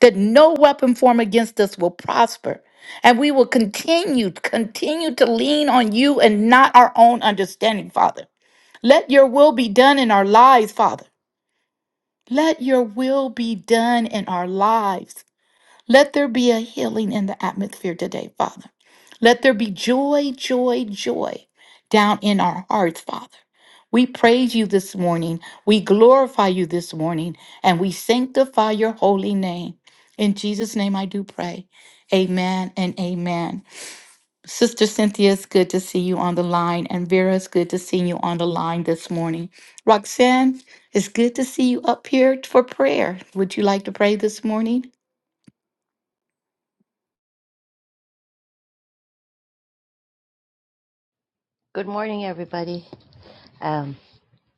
S1: that no weapon formed against us will prosper. And we will continue, continue to lean on you and not our own understanding, Father. Let your will be done in our lives, Father. Let your will be done in our lives. Let there be a healing in the atmosphere today, Father. Let there be joy, joy, joy down in our hearts, Father. We praise you this morning. We glorify you this morning, and we sanctify your holy name. In Jesus' name I do pray. Amen and amen. Sister Cynthia, it's good to see you on the line. And Vera, it's good to see you on the line this morning. Roxanne, it's good to see you up here for prayer. Would you like to pray this morning?
S5: Good morning, everybody. Um,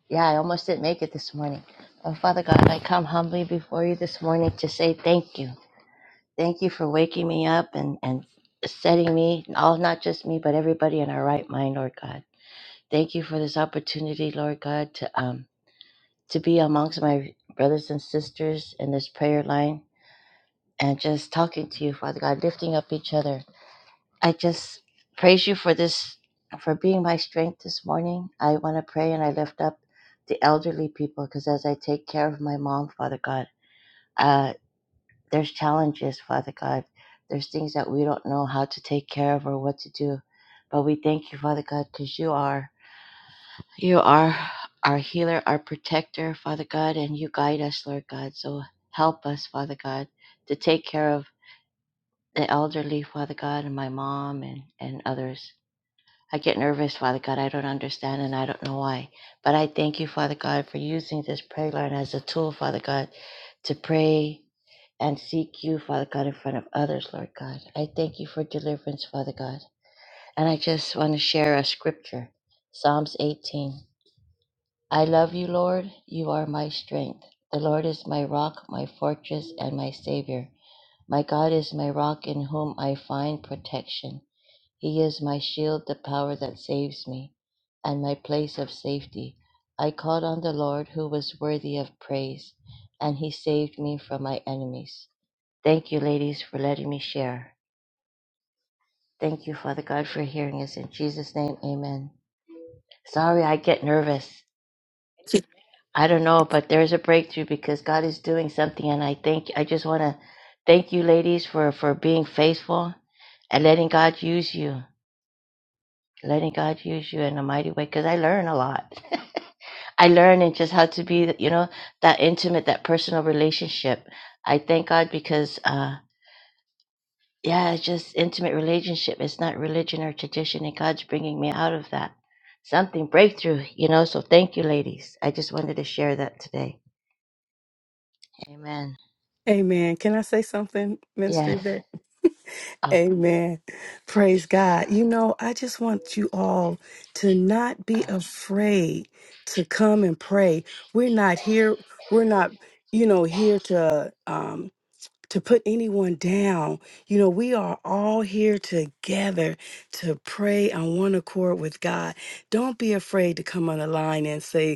S5: yeah, I almost didn't make it this morning. Oh, Father God, I come humbly before you this morning to say thank you. Thank you for waking me up and, and setting me, all not just me, but everybody in our right mind, Lord God. Thank you for this opportunity, Lord God, to um to be amongst my brothers and sisters in this prayer line and just talking to you, Father God, lifting up each other. I just praise you for this, for being my strength this morning. I want to pray and I lift up the elderly people because as I take care of my mom, Father God, uh, there's challenges, Father God. There's things that we don't know how to take care of or what to do. But we thank you, Father God, because you are, you are our healer, our protector, Father God, and you guide us, Lord God. So help us, Father God, to take care of the elderly, Father God, and my mom and, and others. I get nervous, Father God. I don't understand and I don't know why. But I thank you, Father God, for using this prayer line as a tool, Father God, to pray and seek you, Father God, in front of others, Lord God. I thank you for deliverance, Father God. And I just want to share a scripture Psalms 18. I love you, Lord. You are my strength. The Lord is my rock, my fortress, and my Savior. My God is my rock in whom I find protection. He is my shield, the power that saves me, and my place of safety. I called on the Lord who was worthy of praise, and he saved me from my enemies. Thank you, ladies, for letting me share. Thank you, Father God, for hearing us. In Jesus' name, amen. Sorry, I get nervous. I don't know, but there's a breakthrough because God is doing something, and I think I just want to thank you, ladies, for for being faithful and letting God use you, letting God use you in a mighty way. Because I learn a lot. I learn in just how to be, you know, that intimate, that personal relationship. I thank God because, uh, yeah, it's just intimate relationship. It's not religion or tradition, and God's bringing me out of that. Something breakthrough, you know. So thank you, ladies. I just wanted to share that today. Amen.
S2: Amen. Can I say something,
S5: Yes.
S2: Minister?
S5: Oh.
S2: Amen. Praise God. You know, I just want you all to not be afraid to come and pray. We're not here, we're not, you know, here to um to put anyone down. You know, we are all here together to pray on one accord with God. Don't be afraid to come on the line and say,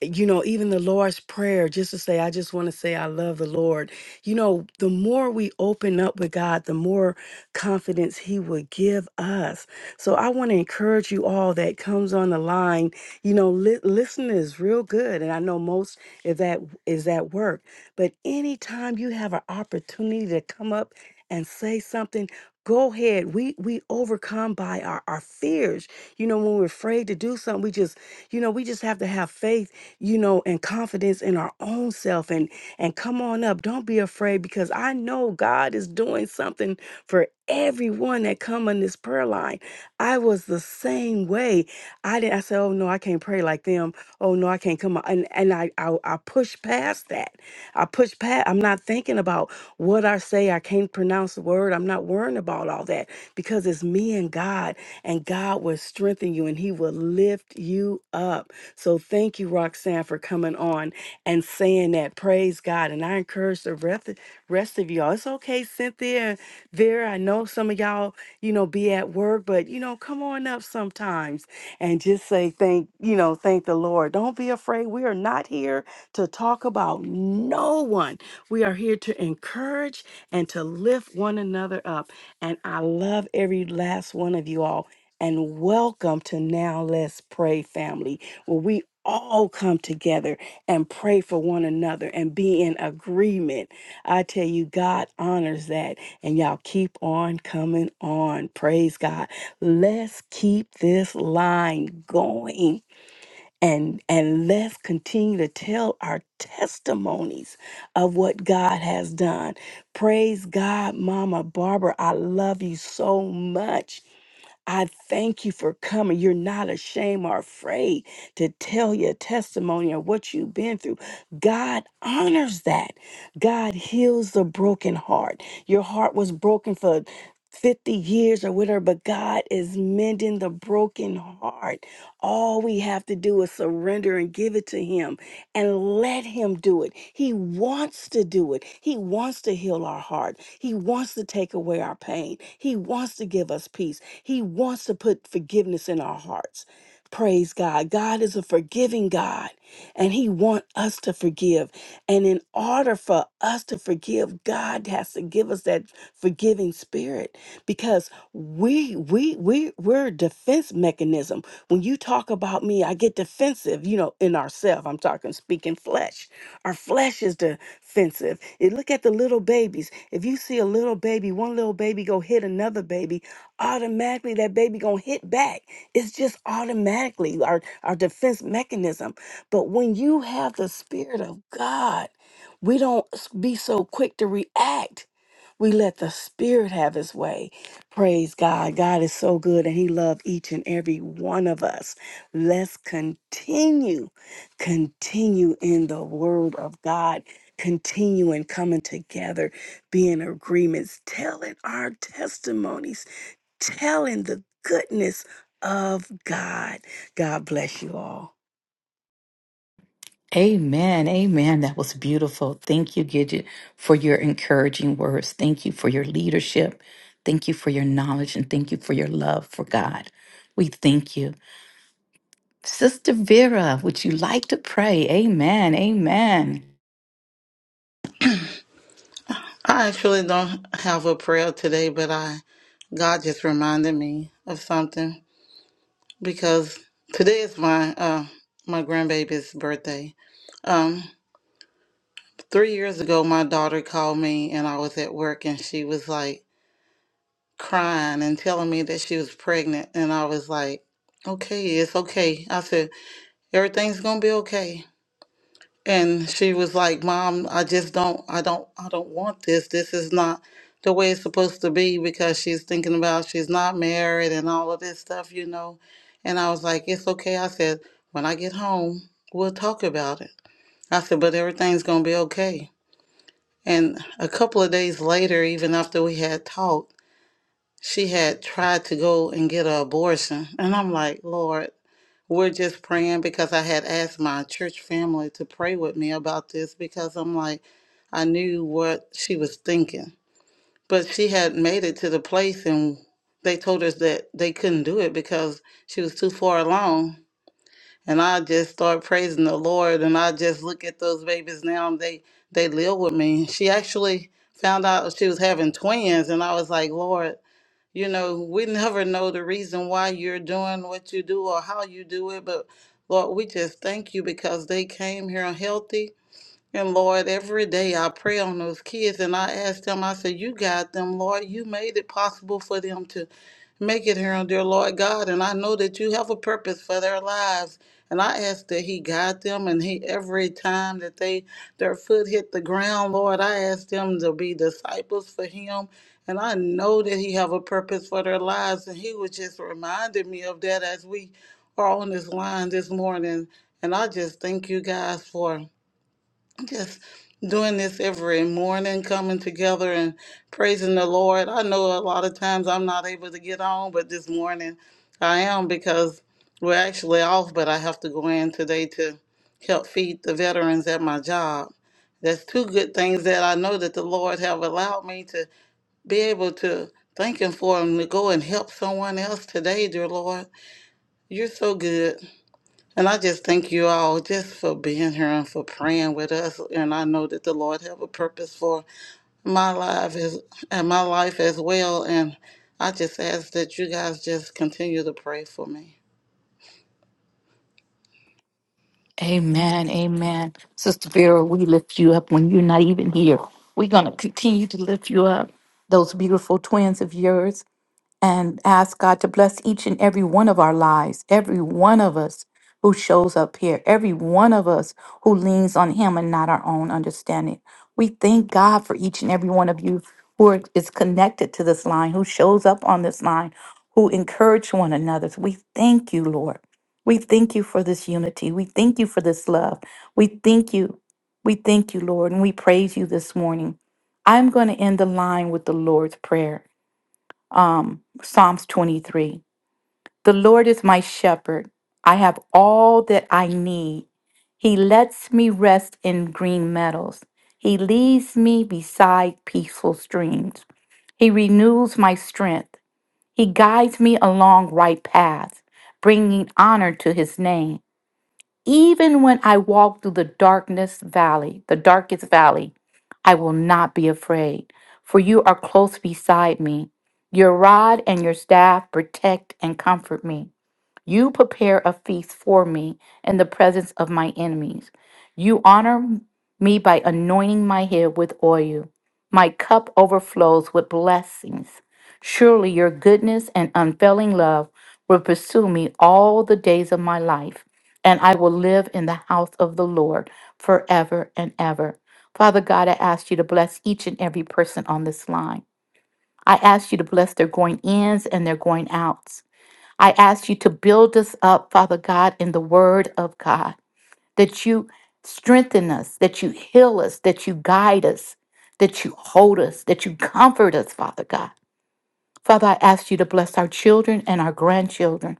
S2: you know, even the Lord's Prayer, just to say, I just want to say, I love the Lord. You know, the more we open up with God, the more confidence He will give us. So I want to encourage you all that comes on the line. You know, li- listening is real good. And I know most of that is at work. But anytime you have an opportunity to come up and say something, go ahead. We we overcome by our, our fears. You know, when we're afraid to do something, we just, you know, we just have to have faith you know, and confidence in our own self and and come on up. Don't be afraid because I know God is doing something for everyone that come on this prayer line. I was the same way. I didn't I said, "Oh no, I can't pray like them. Oh no, I can't come on." And and I I, I push past that. I push past I'm not thinking about what I say. I can't pronounce the word. I'm not worrying about all that because it's me and God and God will strengthen you and he will lift you up. So thank you, Roxanne, for coming on and saying that. Praise God. And I encourage the rest, rest of y'all. It's okay, Cynthia and Vera. I know some of y'all, you know, be at work, but you know, come on up sometimes and just say thank, you know, thank the Lord. Don't be afraid. We are not here to talk about no one. We are here to encourage and to lift one another up. And I love every last one of you all. And welcome to Now Let's Pray family where we all come together and pray for one another and be in agreement. I tell you, God honors that. And y'all keep on coming on. Praise God. Let's keep this line going. And, and let's continue to tell our testimonies of what God has done. Praise God, Mama Barbara. I love you so much I thank you for coming. You're not ashamed or afraid to tell your testimony of what you've been through. God honors that. God heals the broken heart. Your heart was broken for 50 years or whatever, but God is mending the broken heart. All we have to do is surrender and give it to Him and let Him do it. He wants to do it. He wants to heal our heart. He wants to take away our pain. He wants to give us peace. He wants to put forgiveness in our hearts. Praise God. God is a forgiving God, and He wants us to forgive. And in order for us to forgive, God has to give us that forgiving spirit because we we we we're a defense mechanism. When you talk about me, I get defensive, you know, in ourselves. I'm talking speaking flesh. Our flesh is defensive. And look at the little babies. If you see a little baby, one little baby go hit another baby, automatically that baby gonna hit back it's just automatically our our defense mechanism but when you have the spirit of god we don't s- be so quick to react we let the spirit have his way praise god god is so good and he loves each and every one of us let's continue continue in the word of god continue in coming together be in agreements telling our testimonies telling the goodness of God. God bless you all.
S1: Amen. Amen. That was beautiful. Thank you, Gidget, for your encouraging words. Thank you for your leadership. Thank you for your knowledge and thank you for your love for God. We thank you. Sister Vera, would you like to pray? Amen. Amen.
S6: I actually don't have a prayer today, but I God just reminded me of something because today is my uh my grandbaby's birthday. Um, three years ago, my daughter called me and I was at work and she was like crying and telling me that she was pregnant and I was like, okay, it's okay. I said everything's gonna be okay. and she was like mom i just don't i don't i don't want this this is not the way it's supposed to be because she's thinking about she's not married and all of this stuff you know and i was like it's okay i said when i get home we'll talk about it i said but everything's going to be okay and a couple of days later even after we had talked she had tried to go and get an abortion and i'm like lord we're just praying because I had asked my church family to pray with me about this because I'm like, I knew what she was thinking. But she had made it to the place and they told us that they couldn't do it because she was too far along. And I just start praising the Lord and I just look at those babies now and they, they live with me. She actually found out she was having twins and I was like, Lord, you know, we never know the reason why you're doing what you do or how you do it, but Lord, we just thank you because they came here healthy and Lord, every day I pray on those kids and I ask them, I say, You got them, Lord. You made it possible for them to make it here, and dear Lord God. And I know that you have a purpose for their lives. And I ask that He guide them and He every time that they their foot hit the ground, Lord, I ask them to be disciples for Him. And I know that He have a purpose for their lives. And He was just reminding me of that as we are on this line this morning. And I just thank you guys for just doing this every morning, coming together and praising the Lord. I know a lot of times I'm not able to get on, but this morning I am because we're actually off, but I have to go in today to help feed the veterans at my job. That's two good things that I know that the Lord have allowed me to be able to thank Him for and to go and help someone else today, dear Lord. You're so good. And I just thank you all just for being here and for praying with us. And I know that the Lord have a purpose for my life as and my life as well. And I just ask that you guys just continue to pray for me.
S1: Amen. Amen. Sister Vera, we lift you up when you're not even here. We're going to continue to lift you up. Those beautiful twins of yours and ask God to bless each and every one of our lives, every one of us who shows up here, every one of us who leans on Him and not our own understanding. We thank God for each and every one of you who are, is connected to this line, who shows up on this line, who encourage one another. We thank you, Lord. We thank you for this unity. We thank you for this love. We thank you. We thank you, Lord, and we praise you this morning. I'm going to end the line with the Lord's Prayer um, Psalms 23. The Lord is my shepherd. I have all that I need. He lets me rest in green meadows. He leads me beside peaceful streams. He renews my strength. He guides me along right paths, bringing honor to his name. Even when I walk through the darkness valley, the darkest valley, I will not be afraid, for you are close beside me. Your rod and your staff protect and comfort me. You prepare a feast for me in the presence of my enemies. You honor me by anointing my head with oil. My cup overflows with blessings. Surely your goodness and unfailing love will pursue me all the days of my life, and I will live in the house of the Lord forever and ever. Father God, I ask you to bless each and every person on this line. I ask you to bless their going ins and their going outs. I ask you to build us up, Father God, in the Word of God, that you strengthen us, that you heal us, that you guide us, that you hold us, that you comfort us, Father God. Father, I ask you to bless our children and our grandchildren.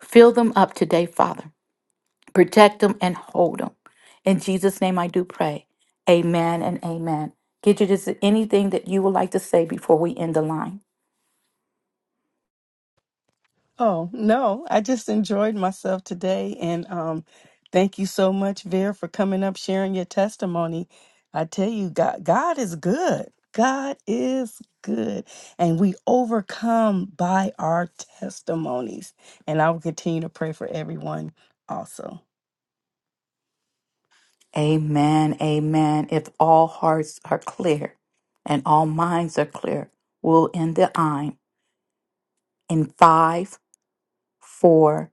S1: Fill them up today, Father. Protect them and hold them. In Jesus' name I do pray. Amen and amen. Gidget, is there anything that you would like to say before we end the line?
S2: Oh, no, I just enjoyed myself today. And um, thank you so much, Vera, for coming up, sharing your testimony. I tell you, God, God is good. God is good. And we overcome by our testimonies. And I will continue to pray for everyone also.
S1: Amen. Amen. If all hearts are clear and all minds are clear, we'll end the i in five, four,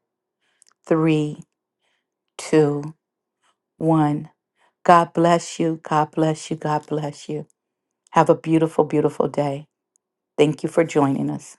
S1: three, two, one. God bless you. God bless you. God bless you. Have a beautiful, beautiful day. Thank you for joining us.